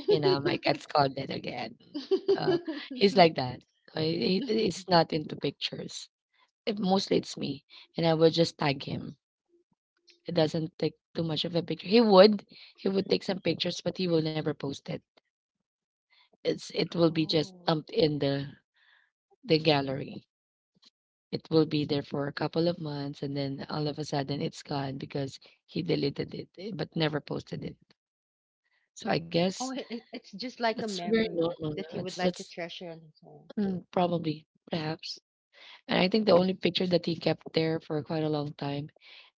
[SPEAKER 1] you know, might get scolded again. Uh, he's like that. He's not into pictures. It, mostly it's me, and I will just tag him. It doesn't take too much of a picture. He would take some pictures, but he will never post it. It will be just
[SPEAKER 2] oh,
[SPEAKER 1] dumped in the gallery. It will be there for a couple of months and then all of a sudden it's gone because he deleted it, eh, but never posted it. So I guess
[SPEAKER 2] oh, it- it's just like a
[SPEAKER 1] that's very
[SPEAKER 2] memory
[SPEAKER 1] normal
[SPEAKER 2] that he
[SPEAKER 1] now.
[SPEAKER 2] would
[SPEAKER 1] It's
[SPEAKER 2] like to
[SPEAKER 1] that's
[SPEAKER 2] treasure on his own.
[SPEAKER 1] Mm, probably perhaps. And I think the only picture that he kept there for quite a long time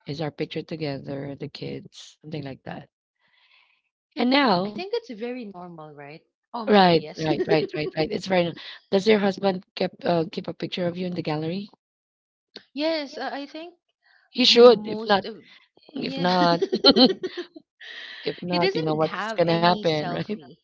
[SPEAKER 1] is our picture together, the kids, something like that. And
[SPEAKER 2] I
[SPEAKER 1] now,
[SPEAKER 2] think it's very normal, right? Oh, I'm sorry.
[SPEAKER 1] right,
[SPEAKER 2] Yes,
[SPEAKER 1] right, right, right, right. It's very. Does your husband kept keep a picture of you in the gallery?
[SPEAKER 2] yes. I think
[SPEAKER 1] He should.
[SPEAKER 2] most of
[SPEAKER 1] If
[SPEAKER 2] yeah.
[SPEAKER 1] not, if
[SPEAKER 2] He
[SPEAKER 1] not, you know
[SPEAKER 2] doesn't
[SPEAKER 1] what's
[SPEAKER 2] have
[SPEAKER 1] gonna
[SPEAKER 2] any
[SPEAKER 1] happen, right?
[SPEAKER 2] selfie.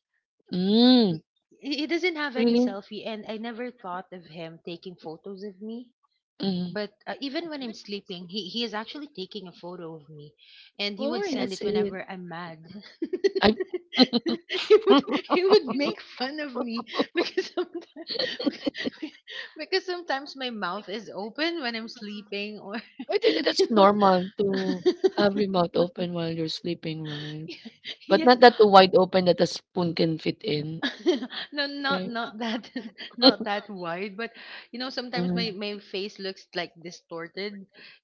[SPEAKER 1] Mm.
[SPEAKER 2] He he doesn't have any
[SPEAKER 1] Really?
[SPEAKER 2] selfie, and I never thought of him taking photos of me.
[SPEAKER 1] Mhm.
[SPEAKER 2] But even when I'm sleeping, he is actually taking a photo of me, and he
[SPEAKER 1] Oh,
[SPEAKER 2] would
[SPEAKER 1] yeah,
[SPEAKER 2] send
[SPEAKER 1] that's
[SPEAKER 2] it
[SPEAKER 1] it.
[SPEAKER 2] whenever I'm mad.
[SPEAKER 1] I
[SPEAKER 2] he would he would make fun of me because sometimes because sometimes my mouth is open when I'm sleeping, or
[SPEAKER 1] I think
[SPEAKER 2] you
[SPEAKER 1] that's
[SPEAKER 2] know,
[SPEAKER 1] normal to have your mouth open while you're sleeping, right? But
[SPEAKER 2] yes,
[SPEAKER 1] not that too wide open that a spoon can fit in,
[SPEAKER 2] no, not
[SPEAKER 1] right?
[SPEAKER 2] not that, not that wide, but you know, sometimes my
[SPEAKER 1] Mm-mm.
[SPEAKER 2] my face looks like distorted,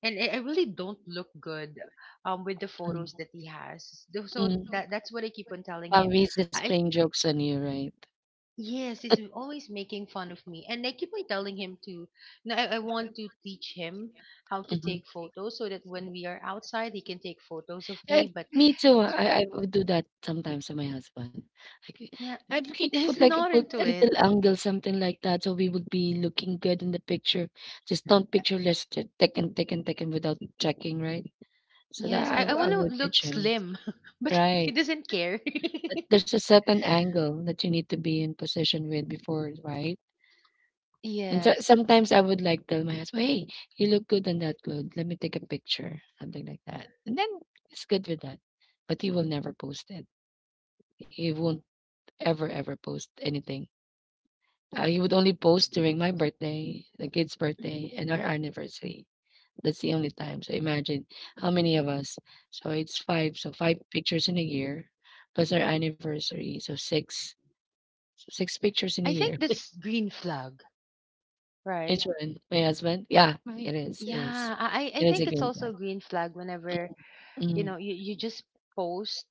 [SPEAKER 2] and I really don't look good with the photos that he has. So
[SPEAKER 1] Mm.
[SPEAKER 2] that's what I keep on telling him.
[SPEAKER 1] He's just
[SPEAKER 2] I
[SPEAKER 1] playing jokes on you, right?
[SPEAKER 2] Yes, he's always making fun of me, and I keep on telling him to... No, I want to teach him how to
[SPEAKER 1] Mhm.
[SPEAKER 2] take photos so that when we are outside he can take photos of me,
[SPEAKER 1] Eh,
[SPEAKER 2] but
[SPEAKER 1] me too.
[SPEAKER 2] he's
[SPEAKER 1] I would do that sometimes to my husband. Like,
[SPEAKER 2] yeah.
[SPEAKER 1] like,
[SPEAKER 2] He's not into it.
[SPEAKER 1] little angle, something like that. So we would be looking good in the picture. Just don't pictureless, just take and take and take and without checking, right? So
[SPEAKER 2] Yes,
[SPEAKER 1] that
[SPEAKER 2] I, I
[SPEAKER 1] I
[SPEAKER 2] want to
[SPEAKER 1] would
[SPEAKER 2] look
[SPEAKER 1] teach him.
[SPEAKER 2] slim, but he
[SPEAKER 1] Right,
[SPEAKER 2] doesn't care.
[SPEAKER 1] but there's a certain angle that you need to be in position with before, right? And so
[SPEAKER 2] Yes.
[SPEAKER 1] sometimes I would like tell my husband, "Hey, you look good in that clothes. Let me take a picture," something like that, and then it's good with that. But he will never post it. He won't ever ever post anything. He would only post during my birthday, the kid's birthday, and our anniversary. That's the only time. So imagine how many of us. So it's five. So five pictures in a year, plus our anniversary. So 6 pictures in a
[SPEAKER 2] I
[SPEAKER 1] year.
[SPEAKER 2] think that's green flag, right?
[SPEAKER 1] Which one? My husband? Yeah, it is, it is.
[SPEAKER 2] Yeah, I
[SPEAKER 1] It is a
[SPEAKER 2] think it's
[SPEAKER 1] green
[SPEAKER 2] also
[SPEAKER 1] flag.
[SPEAKER 2] a green flag whenever,
[SPEAKER 1] Mm.
[SPEAKER 2] you just post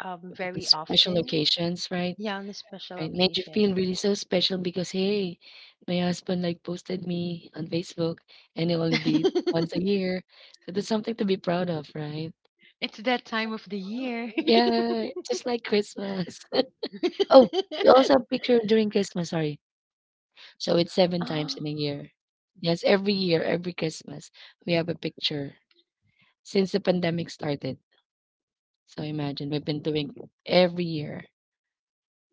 [SPEAKER 2] very
[SPEAKER 1] Special
[SPEAKER 2] often.
[SPEAKER 1] occasions, right?
[SPEAKER 2] Yeah, on a special
[SPEAKER 1] Right, made you
[SPEAKER 2] occasion.
[SPEAKER 1] feel really so special because, "Hey, my husband, like, posted me on Facebook, and he only did once a year." So that's something to be proud of, right?
[SPEAKER 2] It's that time of the year.
[SPEAKER 1] Yeah, just like Christmas. Oh, we also have picture during Christmas, sorry. So it's 7 times
[SPEAKER 2] Oh.
[SPEAKER 1] in a year. Yes, every year, every Christmas, we have a picture. Since the pandemic started. So imagine we've been doing every year.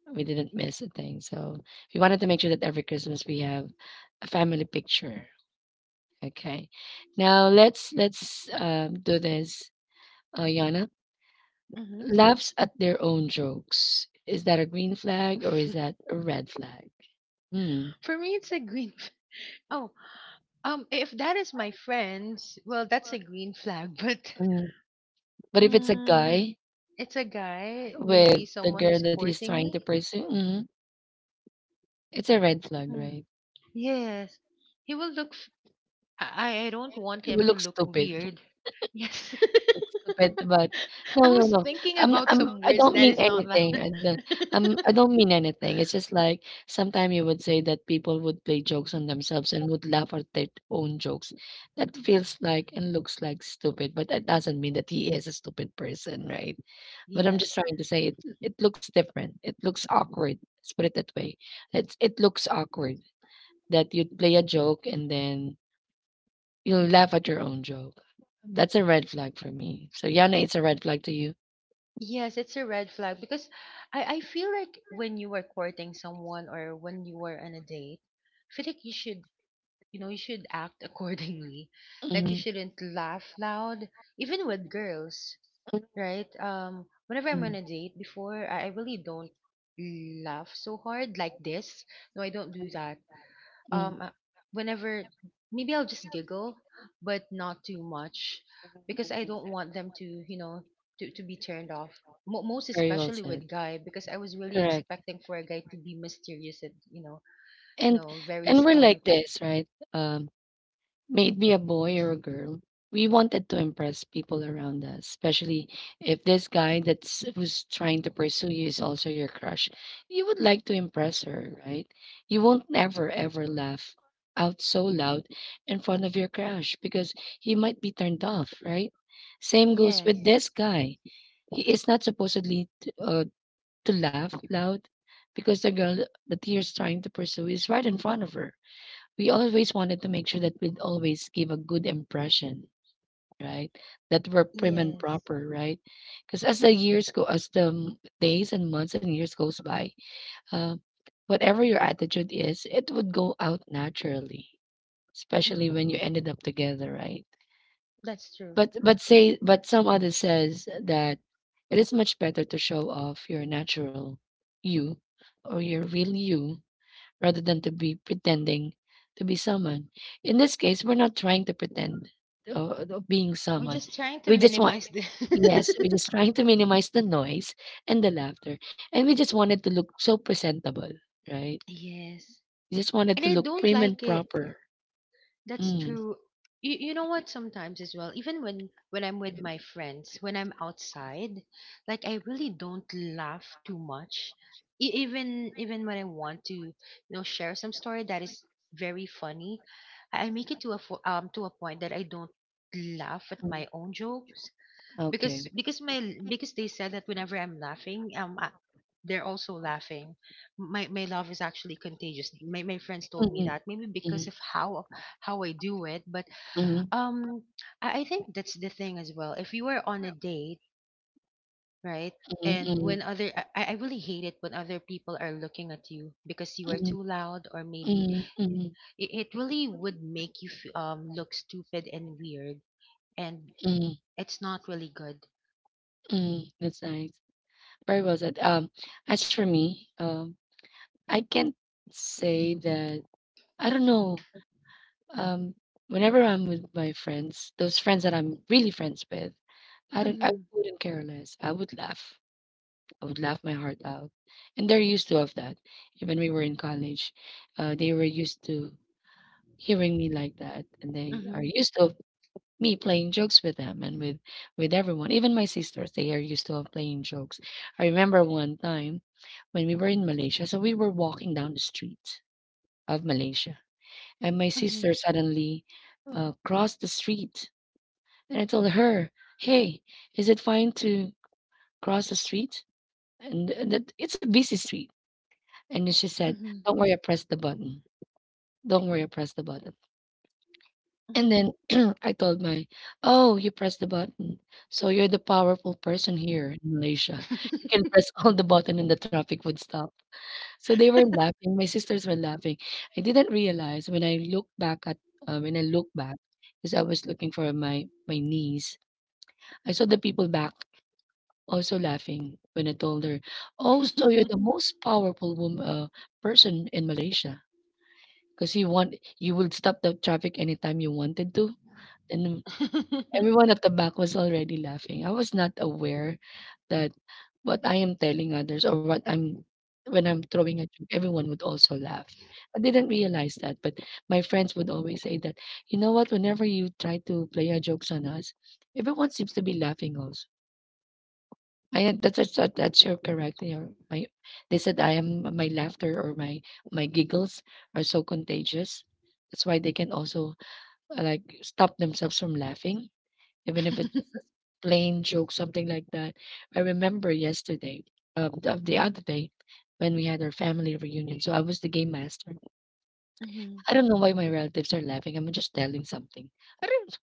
[SPEAKER 1] We didn't miss a thing. So we wanted to make sure that every Christmas we have a family picture. Okay. Now let's do this, Yana.
[SPEAKER 2] Hmm.
[SPEAKER 1] Laughs at their own jokes. Is that a green flag or is that a red flag? Hmm.
[SPEAKER 2] For me, it's a green. Oh, if that is my friends, well, that's a green flag. But
[SPEAKER 1] Mhm. But if it's a
[SPEAKER 2] mm,
[SPEAKER 1] guy
[SPEAKER 2] it's a guy. Maybe
[SPEAKER 1] with the
[SPEAKER 2] someone
[SPEAKER 1] girl
[SPEAKER 2] is
[SPEAKER 1] that he's
[SPEAKER 2] courting
[SPEAKER 1] trying to
[SPEAKER 2] me.
[SPEAKER 1] pursue, mhm, it's a red flag,
[SPEAKER 2] Hmm.
[SPEAKER 1] right?
[SPEAKER 2] Yes, he will look I don't want
[SPEAKER 1] It
[SPEAKER 2] him
[SPEAKER 1] will
[SPEAKER 2] to
[SPEAKER 1] look
[SPEAKER 2] look
[SPEAKER 1] stupid.
[SPEAKER 2] weird. Yes.
[SPEAKER 1] But stupid, but
[SPEAKER 2] I
[SPEAKER 1] no, no,
[SPEAKER 2] was
[SPEAKER 1] no.
[SPEAKER 2] thinking
[SPEAKER 1] I'm
[SPEAKER 2] about
[SPEAKER 1] I'm
[SPEAKER 2] some
[SPEAKER 1] I
[SPEAKER 2] words
[SPEAKER 1] don't
[SPEAKER 2] that
[SPEAKER 1] mean
[SPEAKER 2] is not that.
[SPEAKER 1] anything. I don't mean anything. It's just like sometimes you would say that people would play jokes on themselves and would laugh at their own jokes. That feels like and looks like stupid, but that doesn't mean that he is a stupid person, right? But I'm
[SPEAKER 2] Yes.
[SPEAKER 1] just trying to say it looks different. It looks awkward. Let's put it that way. It looks awkward that you'd play a joke and then you'll laugh at your own joke. That's a red flag for me. So Yana, it's a red flag to you.
[SPEAKER 2] Yes, it's a red flag because I feel like when you are courting someone or when you are on a date, I feel like you know, you should act accordingly. Like you
[SPEAKER 1] Mhm,
[SPEAKER 2] shouldn't laugh loud, even with girls, right? Whenever I'm on a date, before I really don't laugh so hard like this. No, I don't do that. Um,
[SPEAKER 1] mm.
[SPEAKER 2] uh, Whenever, maybe I'll just giggle, but not too much, because I don't want them to, to be turned off. Mo Most
[SPEAKER 1] Very well
[SPEAKER 2] especially
[SPEAKER 1] said.
[SPEAKER 2] with guy, because I was really expecting for a guy to be mysterious and you know,
[SPEAKER 1] And
[SPEAKER 2] no, very
[SPEAKER 1] and we're
[SPEAKER 2] start.
[SPEAKER 1] like this, right? May it be a boy or a girl. We wanted to impress people around us, especially if this guy that's who's trying to pursue you is also your crush. You would like to impress her, right? You won't ever, ever laugh out so loud in front of your crush because he might be turned off, right? Same goes with
[SPEAKER 2] Yes,
[SPEAKER 1] this guy. He is not supposedly to laugh loud because the girl that he is trying to pursue is right in front of her. We always wanted to make sure that we'd always give a good impression, right? That we're prim and
[SPEAKER 2] yes,
[SPEAKER 1] proper, right? Because as the years go, days and months and years goes by, uh, whatever your attitude is, it would go out naturally, especially
[SPEAKER 2] mm,
[SPEAKER 1] when you ended up together, right?
[SPEAKER 2] that's true.
[SPEAKER 1] But say but some others says that it is much better to show off your natural you or your real you rather than to be pretending to be someone. In this case, we're not trying to pretend of being
[SPEAKER 2] We're
[SPEAKER 1] someone.
[SPEAKER 2] just trying to
[SPEAKER 1] We,
[SPEAKER 2] minimize the.
[SPEAKER 1] yes, we're just trying to minimize the noise and the laughter, and we just wanted to look so presentable, right?
[SPEAKER 2] Yes.
[SPEAKER 1] We just wanted
[SPEAKER 2] And
[SPEAKER 1] to
[SPEAKER 2] I
[SPEAKER 1] look
[SPEAKER 2] don't
[SPEAKER 1] prim and
[SPEAKER 2] like it.
[SPEAKER 1] proper.
[SPEAKER 2] That's
[SPEAKER 1] Mm,
[SPEAKER 2] true. You know what? Sometimes as well, even when I'm with my friends, when I'm outside, like I really don't laugh too much. Even when I want to, share some story that is very funny. I make it to to a point that I don't laugh at my own jokes, because
[SPEAKER 1] okay.
[SPEAKER 2] because my because they said that whenever I'm laughing, they're also laughing. My love is actually contagious. My friends told me
[SPEAKER 1] Mm,
[SPEAKER 2] that maybe because
[SPEAKER 1] mm,
[SPEAKER 2] of how I do it, but
[SPEAKER 1] mm,
[SPEAKER 2] um, I think that's the thing as well. If you are on a date, right?
[SPEAKER 1] mm,
[SPEAKER 2] And
[SPEAKER 1] mm,
[SPEAKER 2] when other, I, I really hate it when other people are looking at you because you are
[SPEAKER 1] mm,
[SPEAKER 2] too loud, or maybe
[SPEAKER 1] mm, mm, mm,
[SPEAKER 2] it really would make you look stupid and weird, and
[SPEAKER 1] mm.
[SPEAKER 2] it's not really good.
[SPEAKER 1] Mm, that's nice. Very well said. As for me, I can't say that. I don't know. Um, Whenever I'm with my friends, those friends that I'm really friends with, I don't. I
[SPEAKER 2] Mm-hmm.
[SPEAKER 1] wouldn't care less. I would laugh. I would laugh my heart out, and they're used to of that. Even we were in college, they were used to hearing me like that, and they are used to me playing jokes with them and with everyone, even my sisters. They are used to of playing jokes. I remember one time when we were in Malaysia, so we were walking down the street of Malaysia, and my
[SPEAKER 2] Mm-hmm.
[SPEAKER 1] sister suddenly crossed the street, and I told her, "Hey, is it fine to cross the street and that it's a busy street?" And then she said,
[SPEAKER 2] Mhm.
[SPEAKER 1] "Don't worry, I pressed the button. Don't worry, I pressed the button." And then I told my, "Oh, you press the button. So you're the powerful person here in Malaysia. You can press all the button and the traffic would stop." So they were laughing. My sisters were laughing. I didn't realize when I look back at when I look back because I was looking for my niece. I saw the people back also laughing when I told her, "Oh, so you're the most powerful woman, person in Malaysia because you will stop the traffic anytime you wanted to." And everyone at the back was already laughing. I was not aware that what I am telling others or what I'm when I'm throwing a joke, everyone would also laugh. I didn't realize that, but my friends would always say that, you know what, whenever you try to play a jokes on us, everyone seems to be laughing also. I am- that's that- that's your correct. Your, my they said I am my laughter or my giggles are so contagious. That's why they can also like stop themselves from laughing even if it's just a plain joke, something like that. I remember yesterday, the other day, when we had our family reunion. So I was the game master.
[SPEAKER 2] Mhm.
[SPEAKER 1] I don't know why my relatives are laughing. I'm just telling something. I don't.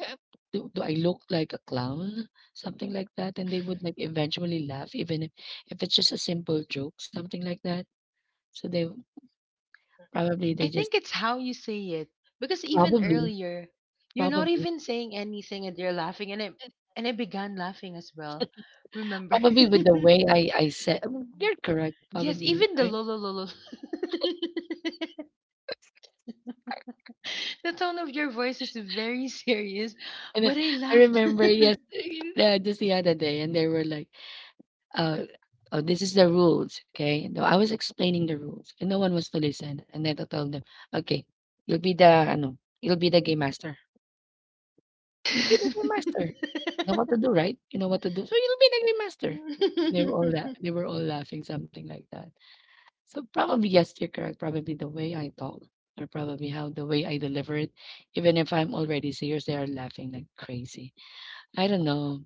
[SPEAKER 1] uh, do I look like a clown? Something like that. And they would like eventually laugh, even if it's just a simple joke, something like that. So they probably
[SPEAKER 2] I
[SPEAKER 1] they just
[SPEAKER 2] think it's how you say it because even
[SPEAKER 1] probably
[SPEAKER 2] earlier, you're not
[SPEAKER 1] probably
[SPEAKER 2] even saying anything and you're laughing, and I began laughing as well. Remember?
[SPEAKER 1] probably with the way I said you're correct,
[SPEAKER 2] Yes,
[SPEAKER 1] probably,
[SPEAKER 2] even the
[SPEAKER 1] right.
[SPEAKER 2] lolo lolo. The tone of your voice is very serious,
[SPEAKER 1] And then
[SPEAKER 2] but I
[SPEAKER 1] I
[SPEAKER 2] laughed.
[SPEAKER 1] remember, yes, just the other day, and they were like, uh, "Oh, this is the rules, okay?" No, I was explaining the rules, and no one was to listen. And then I told them, "Okay, you'll be the game master. You'll be the game master. You know what to do, right? You know what to do, so you'll be the game master." They were all laughing, something like that. So probably yes, you're correct. Probably the way I talk, or probably how the way I deliver it, even if I'm already serious, they are laughing like crazy. I don't know.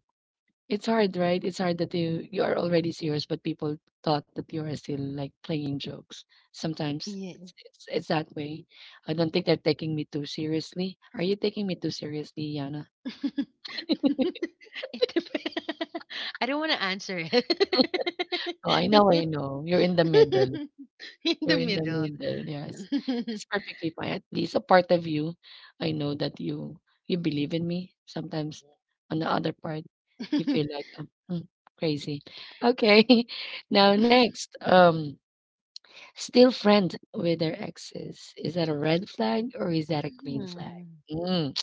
[SPEAKER 1] It's hard, right? It's hard that you are already serious, but people thought that you are still like playing jokes. Sometimes
[SPEAKER 2] Yeah.
[SPEAKER 1] it's that way. I don't think they're taking me too seriously. Are you taking me too seriously, Yana?
[SPEAKER 2] It depends. I don't wanna answer it.
[SPEAKER 1] Oh, I know, I know. You're in the middle.
[SPEAKER 2] In
[SPEAKER 1] You're
[SPEAKER 2] the
[SPEAKER 1] in the
[SPEAKER 2] middle.
[SPEAKER 1] middle. Yes, that's perfectly fine. At least a part of you, I know that you believe in me. Sometimes, on the other part, you feel like crazy. Okay, now next. Still friends with their exes. Is that a red flag or is that a green flag?
[SPEAKER 2] Hmm.
[SPEAKER 1] Mm,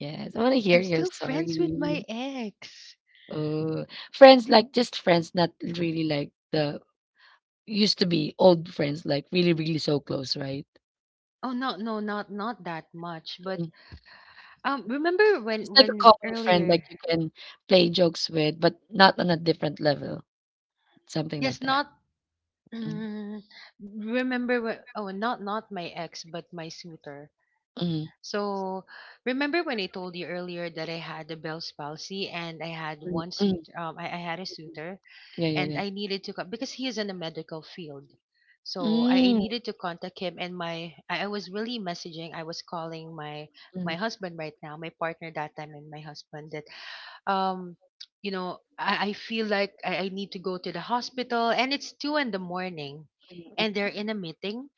[SPEAKER 1] yes, I want to
[SPEAKER 2] I'm
[SPEAKER 1] hear your
[SPEAKER 2] still
[SPEAKER 1] story.
[SPEAKER 2] friends with my ex.
[SPEAKER 1] Oh, friends like just friends, not really like the used to be old friends, like really, really so close, right?
[SPEAKER 2] Oh, no, no, not that much, but,
[SPEAKER 1] Mm.
[SPEAKER 2] remember when
[SPEAKER 1] Just like a
[SPEAKER 2] when
[SPEAKER 1] common friend,
[SPEAKER 2] earlier.
[SPEAKER 1] like you can play jokes with, but not on a different level, something like
[SPEAKER 2] Yes,
[SPEAKER 1] that.
[SPEAKER 2] not,
[SPEAKER 1] Mm,
[SPEAKER 2] mm, remember when. Oh, not my ex, but my suitor.
[SPEAKER 1] mm,
[SPEAKER 2] So, remember when I told you earlier that I had a Bell's palsy and I had
[SPEAKER 1] mm,
[SPEAKER 2] one
[SPEAKER 1] mm,
[SPEAKER 2] suit, I had a suitor,
[SPEAKER 1] yeah, yeah,
[SPEAKER 2] and
[SPEAKER 1] yeah.
[SPEAKER 2] I needed to, because he is in the medical field. So I
[SPEAKER 1] Mm,
[SPEAKER 2] needed to contact him, and I was really messaging, I was calling my husband right now, my partner that time and my husband that, um, you know, I feel like I need to go to the hospital, and it's 2 in the morning, and they're in a meeting,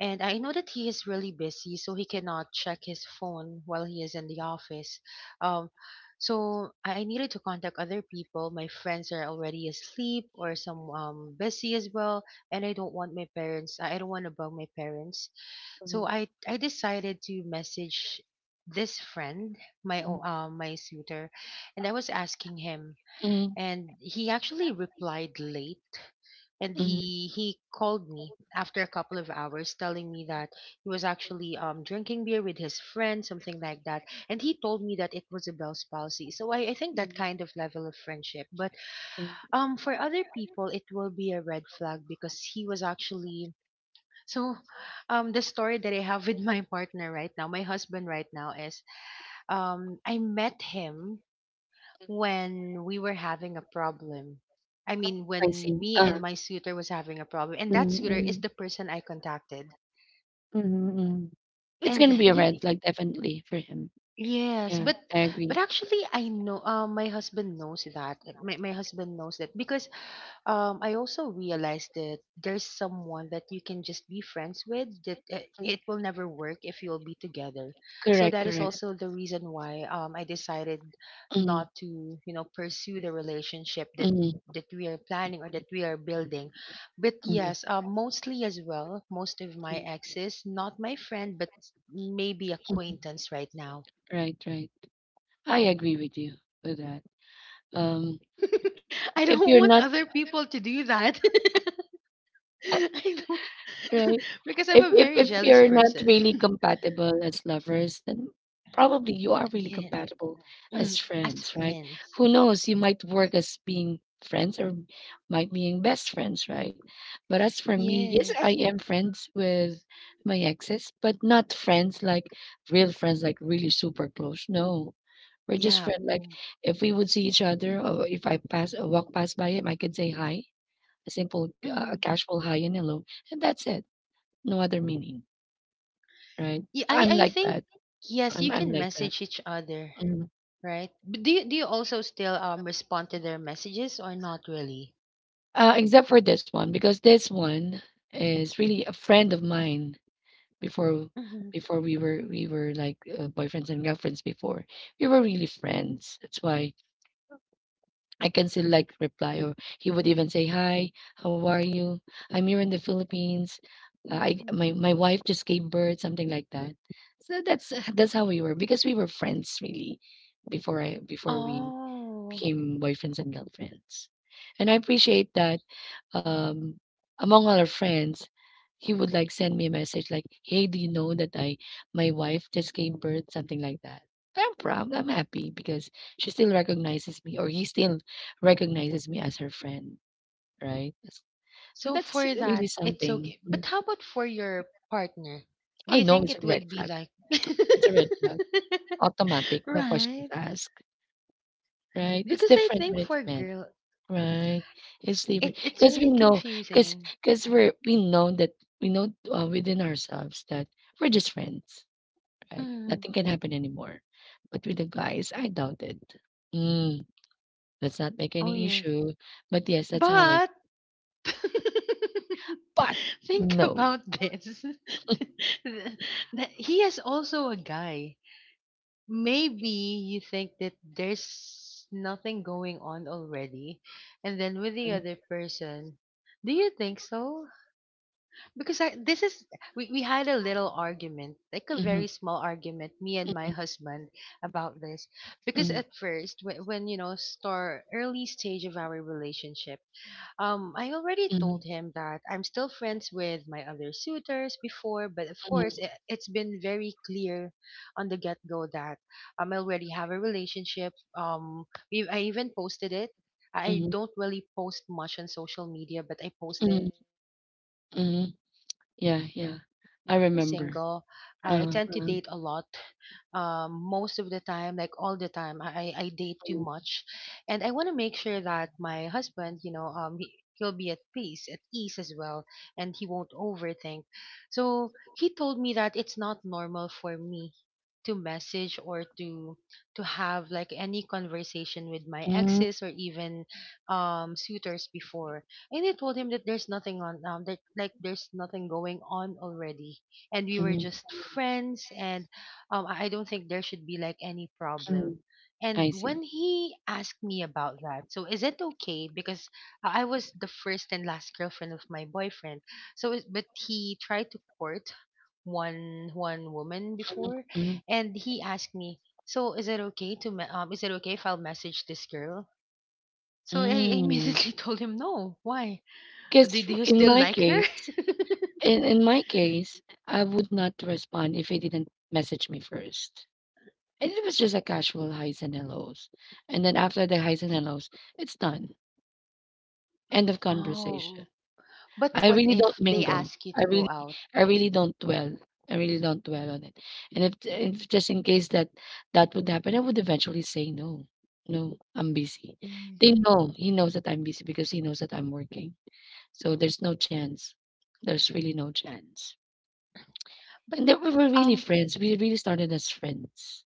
[SPEAKER 2] and I know that he is really busy, so he cannot check his phone while he is in the office. Um, so I needed to contact other people. My friends are already asleep or some busy as well, and I don't want my parents. I don't want to bug my parents. So I decided to message this friend, my suitor, and I was asking him,
[SPEAKER 1] mm,
[SPEAKER 2] and he actually replied late, and
[SPEAKER 1] mm.
[SPEAKER 2] he called me after a couple of hours telling me that he was actually drinking beer with his friend, something like that, and he told me that it was a Bell's palsy. So I think that kind of level of friendship, but for other people it will be a red flag because he was actually. So the story that I have with my partner right now, my husband right now, is, I met him when we were having a problem. I
[SPEAKER 1] Oh,
[SPEAKER 2] mean,
[SPEAKER 1] I
[SPEAKER 2] when
[SPEAKER 1] see.
[SPEAKER 2] me
[SPEAKER 1] Uh,
[SPEAKER 2] and my suitor was having a problem, and that suitor is the person I contacted.
[SPEAKER 1] mm-hmm, mm. It's
[SPEAKER 2] And
[SPEAKER 1] gonna be a red
[SPEAKER 2] you,
[SPEAKER 1] flag definitely for him.
[SPEAKER 2] yes,
[SPEAKER 1] Yeah,
[SPEAKER 2] but
[SPEAKER 1] I agree.
[SPEAKER 2] actually, I know. My husband knows that. My husband knows that because I also realized that there's someone that you can just be friends with, that it will never work if you'll be together. So that
[SPEAKER 1] Correct.
[SPEAKER 2] is also the reason why, I decided
[SPEAKER 1] Mm-hmm,
[SPEAKER 2] not to, pursue the relationship that
[SPEAKER 1] mm,
[SPEAKER 2] we are planning or that we are building. But
[SPEAKER 1] mm-hmm.
[SPEAKER 2] yes, mostly as well, most of my exes, not my friend, but maybe acquaintance right now,
[SPEAKER 1] Right, right. I
[SPEAKER 2] but for,
[SPEAKER 1] agree with you
[SPEAKER 2] of
[SPEAKER 1] with
[SPEAKER 2] course,
[SPEAKER 1] that.
[SPEAKER 2] for a guy,
[SPEAKER 1] Um,
[SPEAKER 2] I
[SPEAKER 1] if
[SPEAKER 2] don't
[SPEAKER 1] you're
[SPEAKER 2] want
[SPEAKER 1] not,
[SPEAKER 2] other people to do that. I don't.
[SPEAKER 1] right.
[SPEAKER 2] Because I'm
[SPEAKER 1] if
[SPEAKER 2] a very
[SPEAKER 1] if
[SPEAKER 2] jealous
[SPEAKER 1] you're not
[SPEAKER 2] person.
[SPEAKER 1] really compatible as lovers, then probably you are really
[SPEAKER 2] Yeah.
[SPEAKER 1] compatible as
[SPEAKER 2] Mm. As
[SPEAKER 1] friends, right?
[SPEAKER 2] friends.
[SPEAKER 1] Who knows? You might work as being friends or might being best friends, right? But as for me, yes, I
[SPEAKER 2] Yes.
[SPEAKER 1] am friends with my exes, but not friends like real friends, like really super close. No. We're just
[SPEAKER 2] Yeah.
[SPEAKER 1] friends. Like
[SPEAKER 2] Mm.
[SPEAKER 1] if we would see each other, or if I pass, or walk past by him, I could say hi, a simple, a
[SPEAKER 2] Mm.
[SPEAKER 1] casual hi and hello, and that's it. No other meaning. Right.
[SPEAKER 2] Yeah, I
[SPEAKER 1] I'm
[SPEAKER 2] I
[SPEAKER 1] like
[SPEAKER 2] think
[SPEAKER 1] that.
[SPEAKER 2] yes,
[SPEAKER 1] I'm
[SPEAKER 2] you
[SPEAKER 1] I'm
[SPEAKER 2] can
[SPEAKER 1] like that.
[SPEAKER 2] message each other,
[SPEAKER 1] Mm.
[SPEAKER 2] right? But do you also still respond to their messages or not really?
[SPEAKER 1] Except for this one because this one is really a friend of mine before,
[SPEAKER 2] Mm-hmm.
[SPEAKER 1] we were like boyfriends and girlfriends before. We were really friends. That's why I can still like reply, or he would even say, "Hi, how are you? I'm here in the Philippines. I my my wife just gave birth," something like that. So that's how we were because we were friends really before we
[SPEAKER 2] Oh.
[SPEAKER 1] became boyfriends and girlfriends. And I appreciate that, um, among all our friends, he would like send me a message like, "Hey, do you know that I my wife just gave birth?" Something like that. I'm proud. I'm happy because she still recognizes me, or he still recognizes me as her friend, right? So
[SPEAKER 2] So
[SPEAKER 1] that's
[SPEAKER 2] for
[SPEAKER 1] really
[SPEAKER 2] that, it's
[SPEAKER 1] something.
[SPEAKER 2] okay.
[SPEAKER 1] Mm.
[SPEAKER 2] But how about for your partner? Do
[SPEAKER 1] I
[SPEAKER 2] you
[SPEAKER 1] know
[SPEAKER 2] think
[SPEAKER 1] it's a
[SPEAKER 2] it
[SPEAKER 1] red
[SPEAKER 2] would be
[SPEAKER 1] flag.
[SPEAKER 2] like...
[SPEAKER 1] It's a red flag. Automatic, no questions
[SPEAKER 2] Right?
[SPEAKER 1] asked, right? It's
[SPEAKER 2] Because I
[SPEAKER 1] different
[SPEAKER 2] think
[SPEAKER 1] when it's
[SPEAKER 2] for
[SPEAKER 1] men.
[SPEAKER 2] girl,
[SPEAKER 1] Right. It's different
[SPEAKER 2] it's
[SPEAKER 1] because we
[SPEAKER 2] really
[SPEAKER 1] know,
[SPEAKER 2] confusing.
[SPEAKER 1] because we're we know within ourselves that we're just friends, right?
[SPEAKER 2] Mm.
[SPEAKER 1] Nothing can happen anymore. But with the guys, I doubt it. Mm, let's not make
[SPEAKER 2] Oh,
[SPEAKER 1] any
[SPEAKER 2] yeah.
[SPEAKER 1] issue. But yes, that's how I.
[SPEAKER 2] But
[SPEAKER 1] But
[SPEAKER 2] think
[SPEAKER 1] no.
[SPEAKER 2] about this. He is also a guy. Maybe you think that there's nothing going on already, and then with the
[SPEAKER 1] Mm,
[SPEAKER 2] other person, do you think so, because I, this is we had a little argument, like a
[SPEAKER 1] mhm,
[SPEAKER 2] very small argument, me and my husband, about this, because
[SPEAKER 1] mhm,
[SPEAKER 2] at first, when, when start early stage of our relationship, I already told
[SPEAKER 1] mhm,
[SPEAKER 2] him that I'm still friends with my other suitors before, but of course,
[SPEAKER 1] mhm,
[SPEAKER 2] it's been very clear on the get go that, I already have a relationship. I even posted it. I
[SPEAKER 1] mhm,
[SPEAKER 2] don't really post much on social media, but I
[SPEAKER 1] mhm,
[SPEAKER 2] posted, him knowing the
[SPEAKER 1] mhm.
[SPEAKER 2] fact, you know,
[SPEAKER 1] Yeah,
[SPEAKER 2] because
[SPEAKER 1] yeah.
[SPEAKER 2] when,
[SPEAKER 1] I
[SPEAKER 2] I am
[SPEAKER 1] remember.
[SPEAKER 2] single, I
[SPEAKER 1] Uh,
[SPEAKER 2] tend to
[SPEAKER 1] uh,
[SPEAKER 2] date a lot, most of the time, like all the time, I date too much, and I want to make sure that my husband, you know, he'll be at peace, at ease as well, and he won't overthink. So he told me that it's not normal for me to message or to have, like, any conversation with my
[SPEAKER 1] mm,
[SPEAKER 2] exes or even suitors before, and I told him that there's nothing on, that, like, there's nothing going on already, and we were
[SPEAKER 1] mm,
[SPEAKER 2] just friends, and I don't think there should be, like, any problem. And
[SPEAKER 1] I see.
[SPEAKER 2] when he asked me about that, so is it okay? Because I was the first and last girlfriend of my boyfriend. So, but he tried to court one woman
[SPEAKER 1] Mm,
[SPEAKER 2] before,
[SPEAKER 1] mm,
[SPEAKER 2] and he asked me, so is it okay is it okay if I'll message this girl? So I
[SPEAKER 1] mm.
[SPEAKER 2] immediately told him no. Why? Do,
[SPEAKER 1] Because
[SPEAKER 2] do you still like her?
[SPEAKER 1] In my case, I would not respond if he didn't message me first. And it was just a casual highs and hellos. And then after the highs and hellos, it's done. End of conversation.
[SPEAKER 2] Oh, but
[SPEAKER 1] I
[SPEAKER 2] what
[SPEAKER 1] really
[SPEAKER 2] if
[SPEAKER 1] don't
[SPEAKER 2] they
[SPEAKER 1] mingle.
[SPEAKER 2] ask you
[SPEAKER 1] I
[SPEAKER 2] to go
[SPEAKER 1] really
[SPEAKER 2] out?
[SPEAKER 1] I really don't dwell. I really don't dwell on it. And if just in case that would happen, I would eventually say no. No, I'm busy. They
[SPEAKER 2] Mhm.
[SPEAKER 1] know. He knows that I'm busy because he knows that I'm working. So there's no chance. There's really no chance.
[SPEAKER 2] But
[SPEAKER 1] And then we were really
[SPEAKER 2] um
[SPEAKER 1] friends. We really started as friends.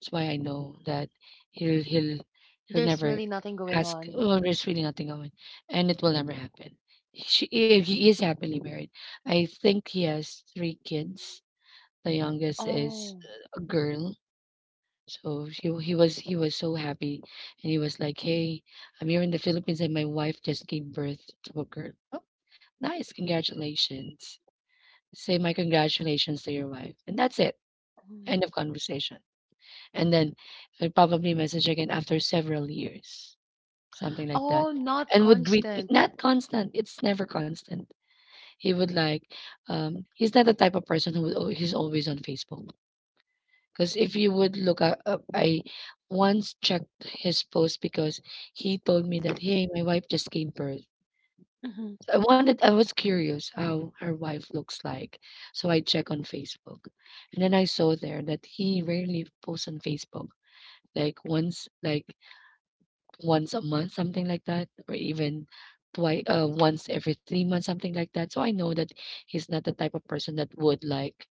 [SPEAKER 1] That's why I know that he'll he'll he'll
[SPEAKER 2] There's
[SPEAKER 1] never
[SPEAKER 2] really nothing going
[SPEAKER 1] ask.
[SPEAKER 2] on.
[SPEAKER 1] Oh, there's really nothing going, and it will never happen. If he is happily married, I think he has three kids. The youngest is
[SPEAKER 2] Oh.
[SPEAKER 1] a girl, so he was so happy, and he was like, "Hey, I'm here in the Philippines, and my wife just gave birth to a girl. Oh, nice, congratulations! Say my congratulations to your wife, and that's it."
[SPEAKER 2] Mm.
[SPEAKER 1] End of conversation. And then I probably message again after several years, something like that,
[SPEAKER 2] Oh, not
[SPEAKER 1] and would greet me.
[SPEAKER 2] constant.
[SPEAKER 1] Not constant. It's never constant. He would like, he's not the type of person who would, he's always on Facebook. Because if you would look up, I once checked his post because he told me that, hey, my wife just gave birth.
[SPEAKER 2] Hmm.
[SPEAKER 1] So I was curious how her wife looks like. So I check on Facebook. And then I saw there that he rarely posts on Facebook, like once a month, something like that, or even twice, once every 3 months, something like that. So I know that he's not the type of person that would like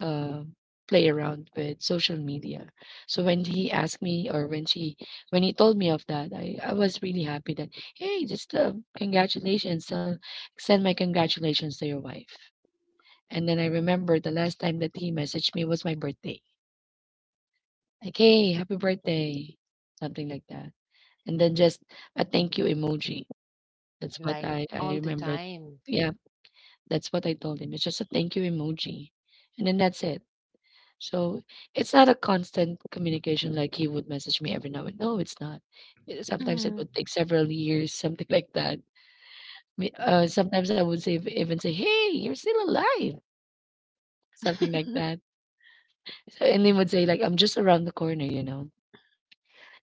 [SPEAKER 1] uh, play around with social media. So when he asked me, or when he told me of that, I was really happy that, hey, just congratulations, send my congratulations to your wife. And then I remember the last time that he messaged me was my birthday. Like, hey, happy birthday. Something like that. And
[SPEAKER 2] Oh,
[SPEAKER 1] then
[SPEAKER 2] okay. I
[SPEAKER 1] just
[SPEAKER 2] thought
[SPEAKER 1] a
[SPEAKER 2] that you
[SPEAKER 1] thank you
[SPEAKER 2] were
[SPEAKER 1] emoji.
[SPEAKER 2] messaging each other
[SPEAKER 1] That's what
[SPEAKER 2] like
[SPEAKER 1] I
[SPEAKER 2] all the
[SPEAKER 1] remembered.
[SPEAKER 2] time.
[SPEAKER 1] Yeah, that's what I told him. It's just a thank you emoji, and then that's it. So it's not a constant communication like he would message me every now and no, it's not. Sometimes it
[SPEAKER 2] Hmm.
[SPEAKER 1] would take several years, something like that. Sometimes I would say even say, "Hey, you're still alive," something like that. So, and they would say like, "I'm just around the corner," you know.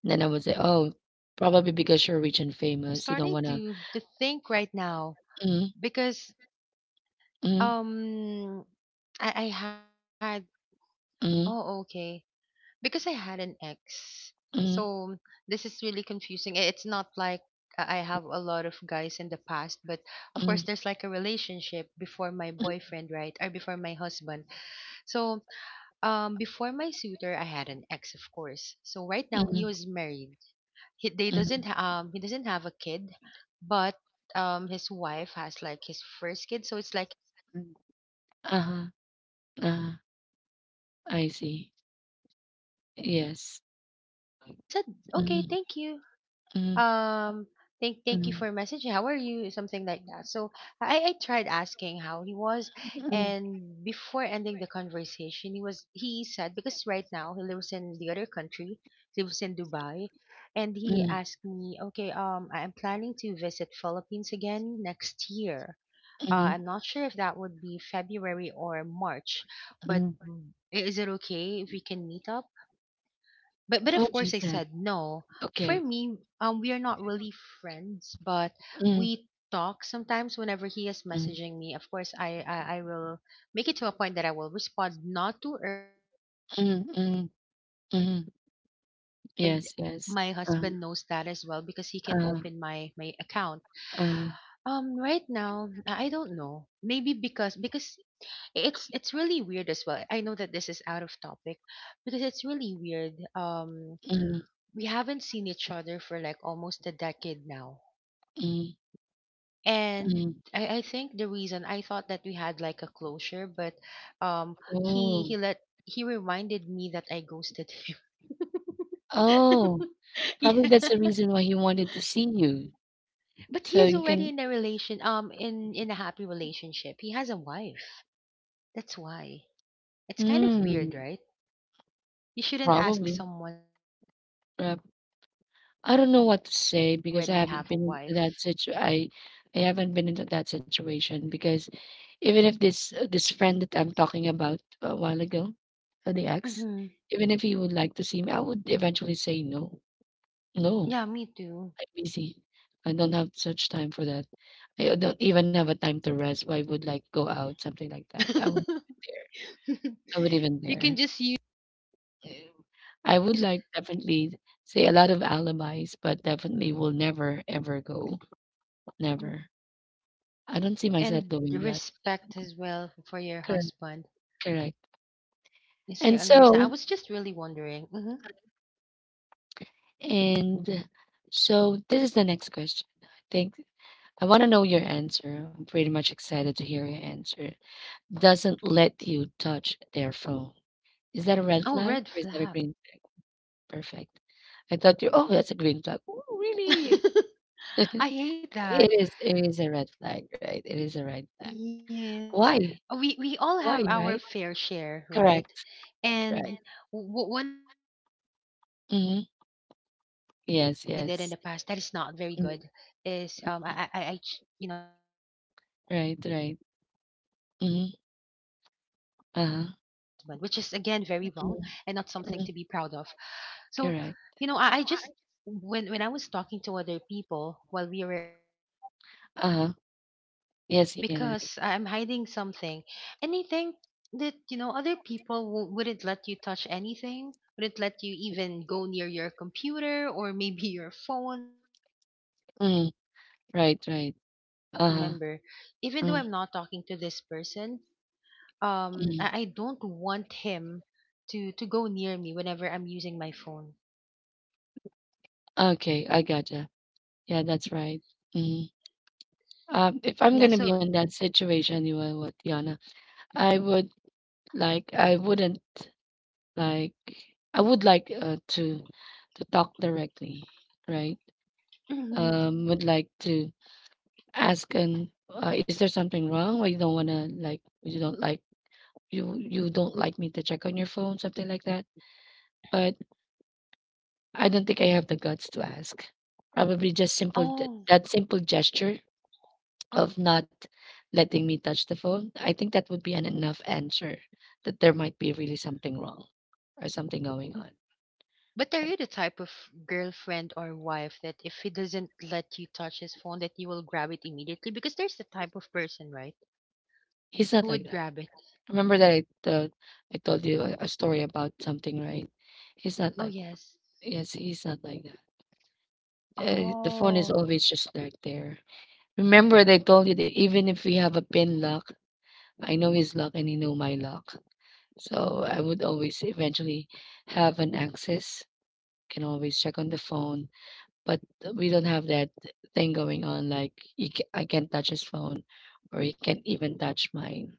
[SPEAKER 1] And then I would
[SPEAKER 2] But
[SPEAKER 1] say,
[SPEAKER 2] is it,
[SPEAKER 1] "Oh, probably because
[SPEAKER 2] you
[SPEAKER 1] you're
[SPEAKER 2] know,
[SPEAKER 1] rich and
[SPEAKER 2] I'm
[SPEAKER 1] famous, you don't
[SPEAKER 2] starting
[SPEAKER 1] wanna."
[SPEAKER 2] to think right now,
[SPEAKER 1] Mm,
[SPEAKER 2] because
[SPEAKER 1] mm,
[SPEAKER 2] um I had oh,
[SPEAKER 1] mm,
[SPEAKER 2] okay. Because I had an ex.
[SPEAKER 1] mm,
[SPEAKER 2] So this is really confusing. It's not like I have a lot of guys in the past, but of course
[SPEAKER 1] mm.
[SPEAKER 2] there's like a relationship before my
[SPEAKER 1] Mm,
[SPEAKER 2] boyfriend, right? Or before my husband. So before my suitor I had an ex, of course. So right now he
[SPEAKER 1] mm,
[SPEAKER 2] was married. He they
[SPEAKER 1] mm.
[SPEAKER 2] doesn't ha- um he doesn't have a kid, but his wife has like his first kid, so it's like his stepdaughter.
[SPEAKER 1] Uh-huh.
[SPEAKER 2] And
[SPEAKER 1] Uh,
[SPEAKER 2] lately, he actually
[SPEAKER 1] I see.
[SPEAKER 2] congratulated me because I got
[SPEAKER 1] Yes.
[SPEAKER 2] married, and I said, "Okay,
[SPEAKER 1] Mm,
[SPEAKER 2] thank you.
[SPEAKER 1] mm,
[SPEAKER 2] Um, thank you
[SPEAKER 1] mm,
[SPEAKER 2] for messaging. How are you?" Something like that. So I tried asking how he was,
[SPEAKER 1] mm,
[SPEAKER 2] and before ending the conversation, he said because right now he lives in the other country, he lives in Dubai, and he
[SPEAKER 1] mm,
[SPEAKER 2] asked me, "Okay, I am planning to visit Philippines again next year."
[SPEAKER 1] mm,
[SPEAKER 2] I'm not sure if that would be February or March, but
[SPEAKER 1] mm.
[SPEAKER 2] is it okay if we can meet up? But
[SPEAKER 1] Oh,
[SPEAKER 2] of course
[SPEAKER 1] just
[SPEAKER 2] I
[SPEAKER 1] that.
[SPEAKER 2] said no. For
[SPEAKER 1] Okay.
[SPEAKER 2] me, we are not really friends, but
[SPEAKER 1] Mm,
[SPEAKER 2] we talk sometimes whenever he is
[SPEAKER 1] mm,
[SPEAKER 2] messaging me. Of course, I will make it to a point that I will respond not too early, not too
[SPEAKER 1] mm,
[SPEAKER 2] long, but
[SPEAKER 1] mm,
[SPEAKER 2] whenever I'm
[SPEAKER 1] mm.
[SPEAKER 2] not busy. And
[SPEAKER 1] Yes, yes.
[SPEAKER 2] my
[SPEAKER 1] Uh,
[SPEAKER 2] husband knows that as well because he can
[SPEAKER 1] uh,
[SPEAKER 2] open my account.
[SPEAKER 1] uh,
[SPEAKER 2] Right now, I don't know. Maybe because it's really weird as well. I know that this is out of topic because it's really weird.
[SPEAKER 1] mm,
[SPEAKER 2] We haven't seen each other for like almost a decade now.
[SPEAKER 1] mm,
[SPEAKER 2] And
[SPEAKER 1] mm.
[SPEAKER 2] I think the reason I thought that we had like a closure, but um
[SPEAKER 1] Oh,
[SPEAKER 2] he let he reminded me that I ghosted him.
[SPEAKER 1] oh. Probably that's the
[SPEAKER 2] Yeah.
[SPEAKER 1] reason why he wanted to see you.
[SPEAKER 2] But he
[SPEAKER 1] So
[SPEAKER 2] is
[SPEAKER 1] you
[SPEAKER 2] already
[SPEAKER 1] can,
[SPEAKER 2] in a relation in a happy relationship. He has a wife. That's why. It's kind of
[SPEAKER 1] mm,
[SPEAKER 2] weird, right? You shouldn't ask
[SPEAKER 1] probably,
[SPEAKER 2] someone out when you already
[SPEAKER 1] I don't know
[SPEAKER 2] has a
[SPEAKER 1] what to
[SPEAKER 2] w- when
[SPEAKER 1] say
[SPEAKER 2] you
[SPEAKER 1] because I
[SPEAKER 2] already have
[SPEAKER 1] haven't
[SPEAKER 2] a
[SPEAKER 1] been into
[SPEAKER 2] wife.
[SPEAKER 1] that situ I haven't been into that situation because even if this this friend that I'm talking about a while ago, the ex,
[SPEAKER 2] Mm-hmm.
[SPEAKER 1] even if he would like to see me, I would eventually say no. No,
[SPEAKER 2] Yeah, me too.
[SPEAKER 1] I'm busy. I don't have such time for that. I don't even have a time to rest. Why would like go out, something like that. I would dare. I would even
[SPEAKER 2] you can
[SPEAKER 1] dare.
[SPEAKER 2] just use
[SPEAKER 1] Yeah. I would like definitely say a lot of alibis, but definitely will never ever go. Never. I don't see myself
[SPEAKER 2] and
[SPEAKER 1] doing that.
[SPEAKER 2] respect as well for your
[SPEAKER 1] Correct,
[SPEAKER 2] husband.
[SPEAKER 1] correct.
[SPEAKER 2] You say
[SPEAKER 1] And
[SPEAKER 2] understand. I
[SPEAKER 1] so
[SPEAKER 2] was just really wondering. Hmm
[SPEAKER 1] and so this is the next question. I think I want to know your answer. I'm pretty much excited to hear your answer. Doesn't let you touch their phone. Is that a red
[SPEAKER 2] Oh,
[SPEAKER 1] flag
[SPEAKER 2] red
[SPEAKER 1] or is that a
[SPEAKER 2] flag.
[SPEAKER 1] green flag? Perfect. I thought you Oh, that's a green flag. Oh, really?
[SPEAKER 2] I hate that.
[SPEAKER 1] It is a red flag, right? It is a red flag.
[SPEAKER 2] Yes.
[SPEAKER 1] Why?
[SPEAKER 2] We all
[SPEAKER 1] Why,
[SPEAKER 2] have
[SPEAKER 1] right?
[SPEAKER 2] our fair share, right?
[SPEAKER 1] Correct. Correct.
[SPEAKER 2] And one of the things that I did in the past
[SPEAKER 1] Hmm.
[SPEAKER 2] that is not very good
[SPEAKER 1] Yes, yes.
[SPEAKER 2] is I ch- you know I tried messaging other people while
[SPEAKER 1] Right,
[SPEAKER 2] being in a
[SPEAKER 1] right.
[SPEAKER 2] relationship with my husband,
[SPEAKER 1] Mhm.
[SPEAKER 2] which is again very wrong
[SPEAKER 1] Uh-huh.
[SPEAKER 2] and not something to be proud of. So,
[SPEAKER 1] Mhm.
[SPEAKER 2] you know, I just
[SPEAKER 1] Correct.
[SPEAKER 2] when I was talking to other people while we were in a relationship, I don't let him touch my
[SPEAKER 1] Uh-huh.
[SPEAKER 2] phone
[SPEAKER 1] Yes, Yana.
[SPEAKER 2] because I'm hiding something. And I think that, you know, other people wouldn't let you touch anything, wouldn't let you even go near your computer or maybe your phone um,
[SPEAKER 1] Mm.
[SPEAKER 2] if you're hiding
[SPEAKER 1] Right,
[SPEAKER 2] anything.
[SPEAKER 1] right.
[SPEAKER 2] Because I can still
[SPEAKER 1] Uh-huh.
[SPEAKER 2] remember, even
[SPEAKER 1] Mm.
[SPEAKER 2] though I'm not talking to this person,
[SPEAKER 1] Mm.
[SPEAKER 2] I don't want him to go near me whenever I'm using my phone.
[SPEAKER 1] Okay, I gotcha. Yeah, that's right. Mm. If I'm
[SPEAKER 2] Yeah,
[SPEAKER 1] gonna be
[SPEAKER 2] so.
[SPEAKER 1] in that situation, you know what, Yana, I would like, I wouldn't like, I would like to talk directly, right? Would like to ask and is there something wrong or you don't wanna like you don't like you don't like me to check on your phone, something like that? But I don't think I have the guts to ask. Probably just simple
[SPEAKER 2] Oh.
[SPEAKER 1] that simple gesture of not letting me touch the phone. I think that would be an enough answer that there might be really something wrong or something going on.
[SPEAKER 2] But are
[SPEAKER 1] Right?
[SPEAKER 2] you the type of girlfriend or wife that if he doesn't let you touch his phone, that you will grab it immediately? Because there's the type of person, right,
[SPEAKER 1] He's not
[SPEAKER 2] who
[SPEAKER 1] like
[SPEAKER 2] would
[SPEAKER 1] that.
[SPEAKER 2] grab it.
[SPEAKER 1] Remember that I told you a story about something, right? He's not
[SPEAKER 2] Oh
[SPEAKER 1] like that.
[SPEAKER 2] yes.
[SPEAKER 1] Yes, he's not like that. The phone is
[SPEAKER 2] Oh
[SPEAKER 1] always just right there. Remember, they told you that even if we have a pin lock, I know his lock and he know my lock. So I would always eventually have an access, can always check on the phone, but we don't have that thing going on like you ca I can't touch his phone or he can't even touch mine.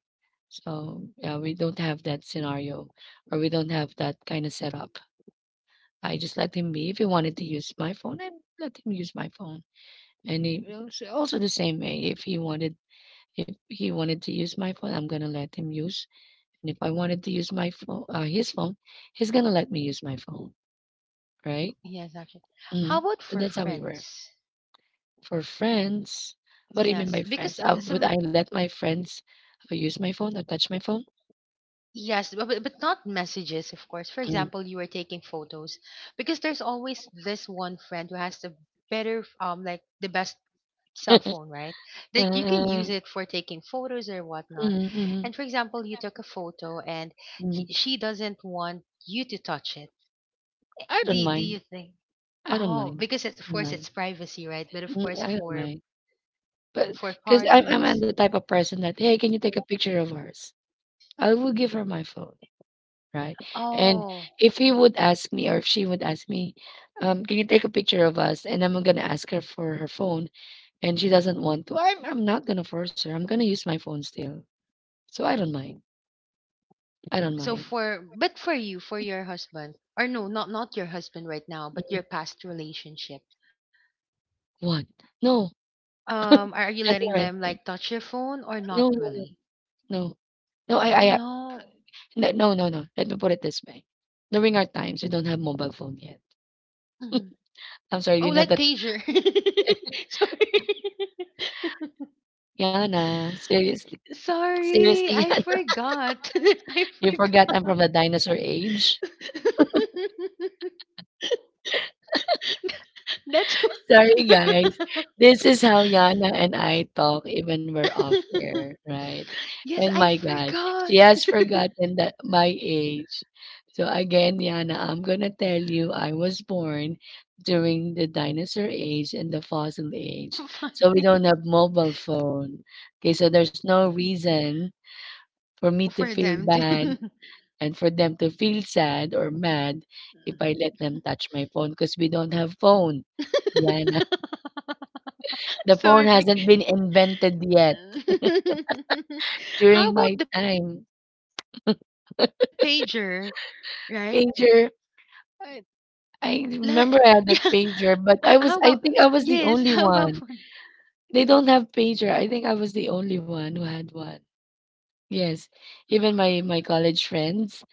[SPEAKER 1] So yeah, we don't have that scenario or we don't have that kind of setup. I just let him be. If he wanted to use my phone, I let him use my phone. And he also the same way. If he wanted to use my phone, I'm gonna let him use. And if I wanted to use my phone, his phone, he's gonna let me use my phone, right?
[SPEAKER 2] yes, actually. How
[SPEAKER 1] Mm.
[SPEAKER 2] about
[SPEAKER 1] So
[SPEAKER 2] for
[SPEAKER 1] that's how we were.
[SPEAKER 2] friends?
[SPEAKER 1] For friends, what do you mean
[SPEAKER 2] Yes,
[SPEAKER 1] by friends?
[SPEAKER 2] because
[SPEAKER 1] Would
[SPEAKER 2] some
[SPEAKER 1] I let my friends use my phone or touch my phone?
[SPEAKER 2] yes, but not messages, of course. For
[SPEAKER 1] Mm.
[SPEAKER 2] example, you are taking photos because there's always this one friend who has the better like the best cell phone, right? Like you can
[SPEAKER 1] Uh,
[SPEAKER 2] use it for taking photos or whatnot.
[SPEAKER 1] mm, mm,
[SPEAKER 2] And for example, you took a photo and
[SPEAKER 1] mm.
[SPEAKER 2] he, she doesn't want you to touch it.
[SPEAKER 1] I
[SPEAKER 2] Do,
[SPEAKER 1] don't
[SPEAKER 2] do
[SPEAKER 1] mind.
[SPEAKER 2] you think?
[SPEAKER 1] I don't
[SPEAKER 2] Oh,
[SPEAKER 1] mind.
[SPEAKER 2] because it's, of
[SPEAKER 1] I don't
[SPEAKER 2] course
[SPEAKER 1] mind.
[SPEAKER 2] it's privacy, right? But of course
[SPEAKER 1] I don't mind. But
[SPEAKER 2] for
[SPEAKER 1] because I'm
[SPEAKER 2] partners.
[SPEAKER 1] the type of person that, hey, can you take a picture of ours? I will give her my phone. Right. And
[SPEAKER 2] Oh,
[SPEAKER 1] if he would ask me or if she would ask me, can you take a picture of us? And I'm gonna ask her for her phone and she doesn't want to. I'm not gonna force her. I'm gonna use my phone still. So I don't mind. I don't
[SPEAKER 2] so
[SPEAKER 1] mind.
[SPEAKER 2] for but for you, for your husband, or no, not your husband right now, but
[SPEAKER 1] Mm,
[SPEAKER 2] your past relationship.
[SPEAKER 1] what? No,
[SPEAKER 2] Are you
[SPEAKER 1] that's
[SPEAKER 2] letting
[SPEAKER 1] all right.
[SPEAKER 2] them like
[SPEAKER 1] Thing.
[SPEAKER 2] touch your phone or not
[SPEAKER 1] No, no, no,
[SPEAKER 2] really?
[SPEAKER 1] no. No,
[SPEAKER 2] Oh
[SPEAKER 1] I, I,
[SPEAKER 2] no.
[SPEAKER 1] no, no, no, no. Let me put it this way. During our times, we don't have mobile phone yet.
[SPEAKER 2] Mm-hmm.
[SPEAKER 1] I'm sorry,
[SPEAKER 2] Oh,
[SPEAKER 1] you know
[SPEAKER 2] like
[SPEAKER 1] that.
[SPEAKER 2] pager. Sorry.
[SPEAKER 1] Yana, seriously,
[SPEAKER 2] Sorry,
[SPEAKER 1] seriously,
[SPEAKER 2] I
[SPEAKER 1] Yana,
[SPEAKER 2] forgot. I
[SPEAKER 1] you forgot
[SPEAKER 2] forgot.
[SPEAKER 1] I'm from the dinosaur age.
[SPEAKER 2] That's
[SPEAKER 1] Sorry, guys.
[SPEAKER 2] why.
[SPEAKER 1] This is how Yana and I talk even we're off air, right?
[SPEAKER 2] Yes,
[SPEAKER 1] And
[SPEAKER 2] I
[SPEAKER 1] my God, she
[SPEAKER 2] forgot.
[SPEAKER 1] has forgotten that my age. So again, Yana, I'm gonna tell you, I was born during the dinosaur age and the fossil
[SPEAKER 2] It's so
[SPEAKER 1] age. So we
[SPEAKER 2] funny
[SPEAKER 1] don't have mobile phone. Okay, so there's no reason for me to
[SPEAKER 2] for
[SPEAKER 1] feel
[SPEAKER 2] them
[SPEAKER 1] bad
[SPEAKER 2] to.
[SPEAKER 1] and for them to feel sad or mad if I let them touch my phone because we don't have phone. Yana. The phone
[SPEAKER 2] Sorry.
[SPEAKER 1] hasn't been invented yet. During
[SPEAKER 2] How
[SPEAKER 1] my
[SPEAKER 2] about the
[SPEAKER 1] time,
[SPEAKER 2] pager, right?
[SPEAKER 1] pager.
[SPEAKER 2] Like yeah.
[SPEAKER 1] I
[SPEAKER 2] Ho how
[SPEAKER 1] remember I
[SPEAKER 2] about
[SPEAKER 1] had a pager,
[SPEAKER 2] yes,
[SPEAKER 1] but
[SPEAKER 2] how
[SPEAKER 1] I
[SPEAKER 2] about for.
[SPEAKER 1] think I was the only one. They don't have pager. I think I was the only one who had one. Yes. Even my college friends,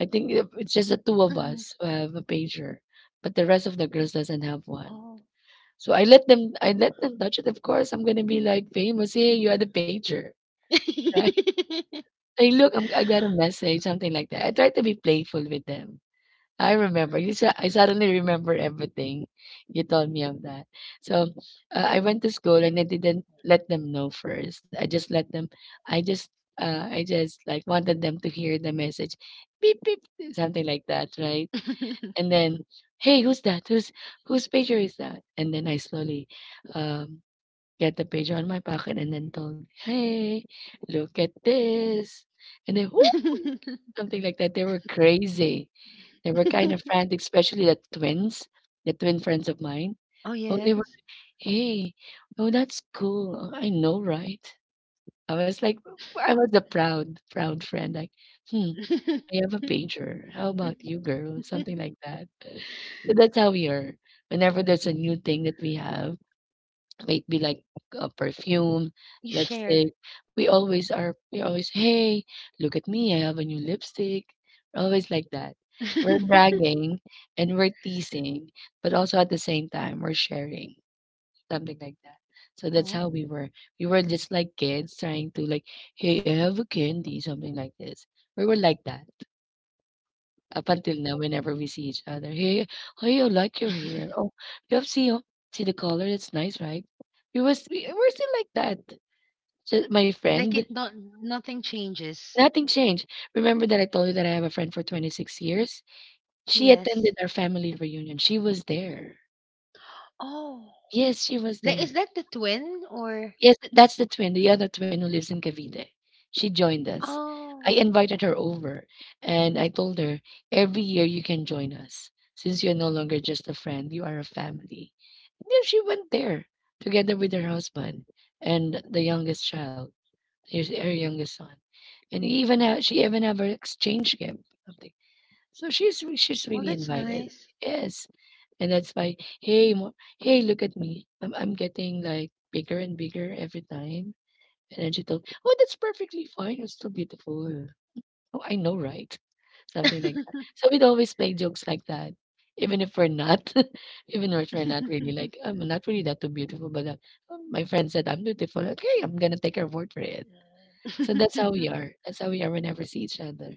[SPEAKER 1] I think it's just the
[SPEAKER 2] Mhm.
[SPEAKER 1] two of us who have a pager, but the rest of the girls doesn't have
[SPEAKER 2] Oh.
[SPEAKER 1] one. So I let them touch it. Of course, I'm going to be like famous. Hey, you had a pager, right? Hey, look, I got a message, something like that. I try to be playful with them. I remember. I suddenly remember everything. You told me of that.
[SPEAKER 2] Mhm.
[SPEAKER 1] So I went to school and I didn't let them know first. I just let them. I just. I just like wanted them to hear the message, beep beep, something like that, right? And then, hey, who's that? Who's whose pager is that? And then I slowly, um, get the pager on my pocket and then told, hey, look at this, and then whoo, something like that. They were kind of frantic, especially the twins, the twin friends of mine.
[SPEAKER 2] Oh,
[SPEAKER 1] Oh, they were,
[SPEAKER 2] yes.
[SPEAKER 1] hey, oh, that's cool. Oh, I know, right? I was like, I was the proud, proud friend. Like, hmm, I have a pager. How about you, girl? Something like that. So that's how we are. Whenever there's a new thing that we have, might be like a
[SPEAKER 2] You
[SPEAKER 1] perfume,
[SPEAKER 2] shared.
[SPEAKER 1] lipstick. We always, "Hey, look at me, I have a new lipstick." We're always like that. We're bragging and we're teasing, but also at the same time we're sharing, something like that.
[SPEAKER 2] Oh,
[SPEAKER 1] So that's how we were. We were just like kids trying to like, "Hey, I have a candy," something like this. We were like that. Up until now, whenever we see each other, hey, hey, I like your hair. Oh, oh, see the color. It's nice, right? We're still like that. Just my
[SPEAKER 2] like
[SPEAKER 1] friend,
[SPEAKER 2] it not nothing changes.
[SPEAKER 1] nothing changed. Remember that I told you that I have a friend for 26 years. She
[SPEAKER 2] Yes.
[SPEAKER 1] attended our family reunion. She was there.
[SPEAKER 2] Oh,
[SPEAKER 1] Yes, she was
[SPEAKER 2] like is
[SPEAKER 1] there.
[SPEAKER 2] that the twin or.
[SPEAKER 1] Yes, that's the twin, the other twin who lives in Cavite. She joined us. I
[SPEAKER 2] Oh,
[SPEAKER 1] invited her over and I told her, every year you can join us. Since you're no longer just a friend, you are a family. And then she went there together with her husband and the youngest child, her youngest son. And even she even have her exchange gift. Something. So she's
[SPEAKER 2] well,
[SPEAKER 1] really
[SPEAKER 2] that's
[SPEAKER 1] invited.
[SPEAKER 2] nice.
[SPEAKER 1] Yes. And that's why, hey, look at me. I'm getting like bigger and bigger every time. And then she told, oh, that's perfectly fine. You're still beautiful. Oh, I know, right? Something like that. So we'd always make jokes like that. Even if we're not, even if we're not really like, I'm not really that too beautiful, but "Oh, my friend said I'm beautiful. Okay, I'm gonna take her word for it. So that's how we are. That's how we are whenever we see each other.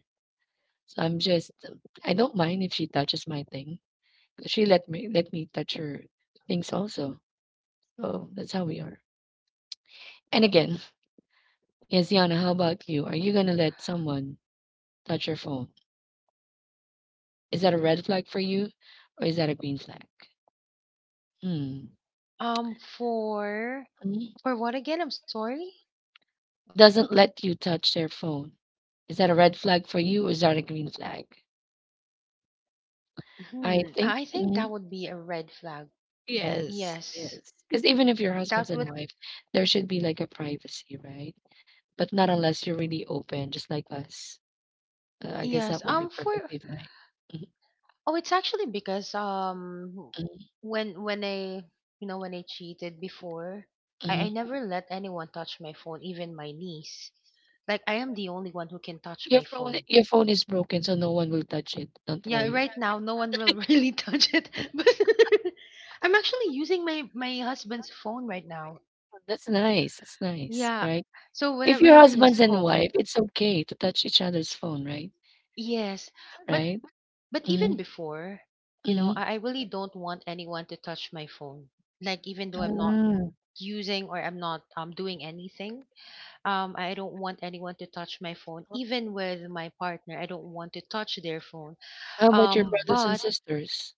[SPEAKER 1] So I'm just, I don't mind if she touches my things she let me touch her things also. So that's how we are. And again, yes, how about you? Are
[SPEAKER 2] Yes.
[SPEAKER 1] you gonna
[SPEAKER 2] So,
[SPEAKER 1] let someone touch your phone? Is that a red flag for you, or is that a green flag? Hmm.
[SPEAKER 2] for.
[SPEAKER 1] For me,
[SPEAKER 2] For what again? I'm sorry.
[SPEAKER 1] doesn't let you touch their phone. Is that a red flag for you, or is that a green flag?
[SPEAKER 2] Hmm. I
[SPEAKER 1] I
[SPEAKER 2] think that
[SPEAKER 1] think
[SPEAKER 2] would be a red flag.
[SPEAKER 1] yes,
[SPEAKER 2] Yes.
[SPEAKER 1] yes. Because even if you're
[SPEAKER 2] That would
[SPEAKER 1] husband and wife, there should be like a privacy, right? But not unless you're really open, just like us. I guess
[SPEAKER 2] yes.
[SPEAKER 1] that would be
[SPEAKER 2] For
[SPEAKER 1] perfectly fine.
[SPEAKER 2] oh it's actually because
[SPEAKER 1] Mhm,
[SPEAKER 2] when I you know when I cheated before, I
[SPEAKER 1] mhm.
[SPEAKER 2] never let anyone touch my phone, even my niece. Like I am the only one who can touch my phone.
[SPEAKER 1] Your phone is broken, so no one will touch it. Don't
[SPEAKER 2] Yeah,
[SPEAKER 1] worry.
[SPEAKER 2] right now no one will really touch it. But I'm actually using my husband's phone right now.
[SPEAKER 1] That's nice. That's nice,
[SPEAKER 2] Yeah.
[SPEAKER 1] right?
[SPEAKER 2] So
[SPEAKER 1] If you're
[SPEAKER 2] whenever
[SPEAKER 1] husbands
[SPEAKER 2] he's
[SPEAKER 1] and
[SPEAKER 2] home,
[SPEAKER 1] wife, it's okay to touch each other's phone, right?
[SPEAKER 2] yes, but
[SPEAKER 1] Right?
[SPEAKER 2] even
[SPEAKER 1] Mhm,
[SPEAKER 2] before, you know,
[SPEAKER 1] mhm.
[SPEAKER 2] I really don't want anyone to touch my phone. Like even though I'm not
[SPEAKER 1] Mm.
[SPEAKER 2] using or I'm not doing anything, I don't want anyone to touch my phone. Even with my partner, I don't want to touch their phone.
[SPEAKER 1] How about your
[SPEAKER 2] Um,
[SPEAKER 1] brothers and
[SPEAKER 2] but
[SPEAKER 1] sisters?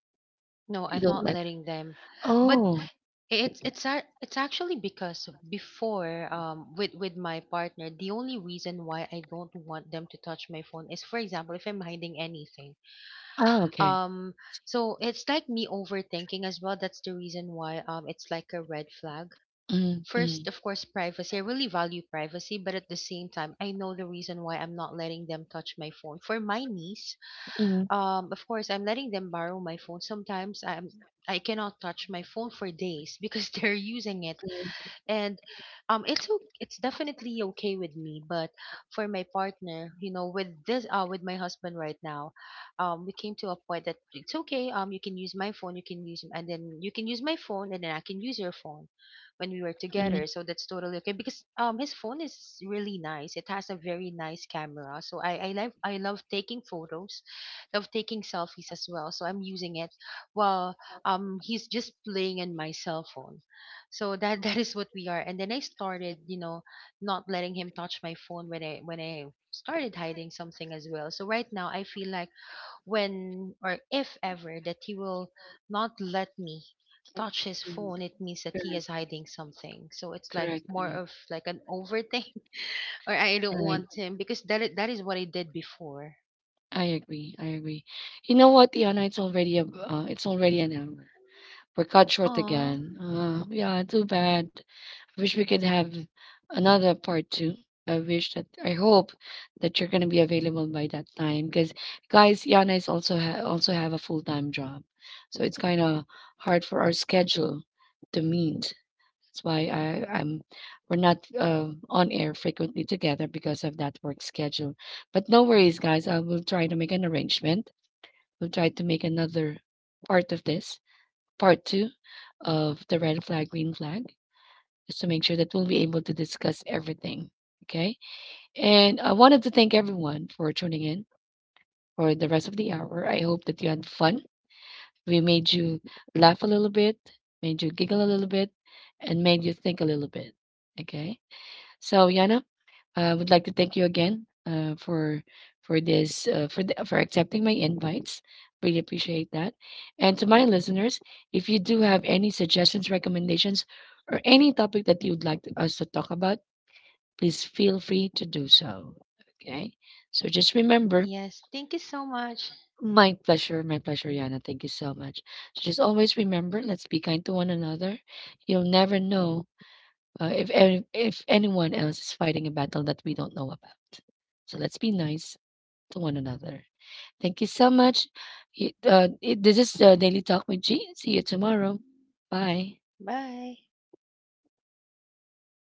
[SPEAKER 2] no,
[SPEAKER 1] You
[SPEAKER 2] I'm
[SPEAKER 1] don't
[SPEAKER 2] not
[SPEAKER 1] let.
[SPEAKER 2] letting them. But
[SPEAKER 1] Oh,
[SPEAKER 2] it's actually because before with my partner, the only reason why I don't want them to touch my phone is, for example, if I'm hiding anything,
[SPEAKER 1] ah, okay.
[SPEAKER 2] um so it's like me overthinking as well. That's the reason why, it's like a red flag.
[SPEAKER 1] Mm, mm,
[SPEAKER 2] First, of course, privacy. I really value privacy, but at the same time I know the reason why I'm not letting them touch my phone. For my niece,
[SPEAKER 1] mm,
[SPEAKER 2] of course I'm letting them borrow my phone sometimes. I'm I cannot touch my phone for days because they're using it.
[SPEAKER 1] mm.
[SPEAKER 2] And it's definitely okay with me, but for my partner, you know, with this with my husband right now, we came to a point that it's okay. You can use my phone, you can use, and then you can use my phone and then I can use your phone when we were together. So that's totally okay because his phone is really nice, it has a very nice camera, so I love taking photos, love taking selfies as well, so I'm using it while he's just playing in my cell phone. So that that is what we are. And then I started, you know, not letting him touch my phone when I started hiding something as well. So right now I feel like when or if ever that he will not let me touch his phone, it means that he is hiding something. So it's like more of like an overthink, or I don't want him because that is what I did before.
[SPEAKER 1] I agree. I agree. You know what, Diana? It's already a, it's already an hour. We're cut short
[SPEAKER 2] Oh
[SPEAKER 1] again. Yeah, too bad. Wish we could have another
[SPEAKER 2] yeah. I
[SPEAKER 1] part two.
[SPEAKER 2] really.
[SPEAKER 1] I
[SPEAKER 2] You know
[SPEAKER 1] wish
[SPEAKER 2] what,
[SPEAKER 1] that
[SPEAKER 2] whenever
[SPEAKER 1] I
[SPEAKER 2] I'm
[SPEAKER 1] hope
[SPEAKER 2] talking to you,
[SPEAKER 1] that you're gonna be
[SPEAKER 2] I
[SPEAKER 1] available
[SPEAKER 2] don't
[SPEAKER 1] by that
[SPEAKER 2] notice the
[SPEAKER 1] time because
[SPEAKER 2] time.
[SPEAKER 1] guys, Yana is also also have a full time job, so it's kind of hard for our schedule to meet. That's why I I'm we're not on air frequently together because of that work schedule. But no worries, guys. I will try to make an arrangement. We'll try to make another part of this part two of the red flag green flag just to make sure that we'll be able to discuss everything. Okay. And I wanted to thank everyone for tuning in for the rest of the hour. I hope that you had fun. We made you laugh a little bit, made you giggle a little bit, and made you think a little bit. Okay. So, Yana, I would like to thank you again for for accepting my invites. Really appreciate that. And to my listeners, if you do have any suggestions, recommendations, or any topic that you'd like us to talk about, please feel free to do so. Okay. So just remember,
[SPEAKER 2] Yes, thank you so much.
[SPEAKER 1] my pleasure, Yana. Thank you so much. So just always remember, let's be kind to one another. You'll never know if if anyone else is fighting a battle that we don't know about. So let's be nice to one another. Thank you so much. It this is Daily Talk with G. See you tomorrow. Bye.
[SPEAKER 2] Bye.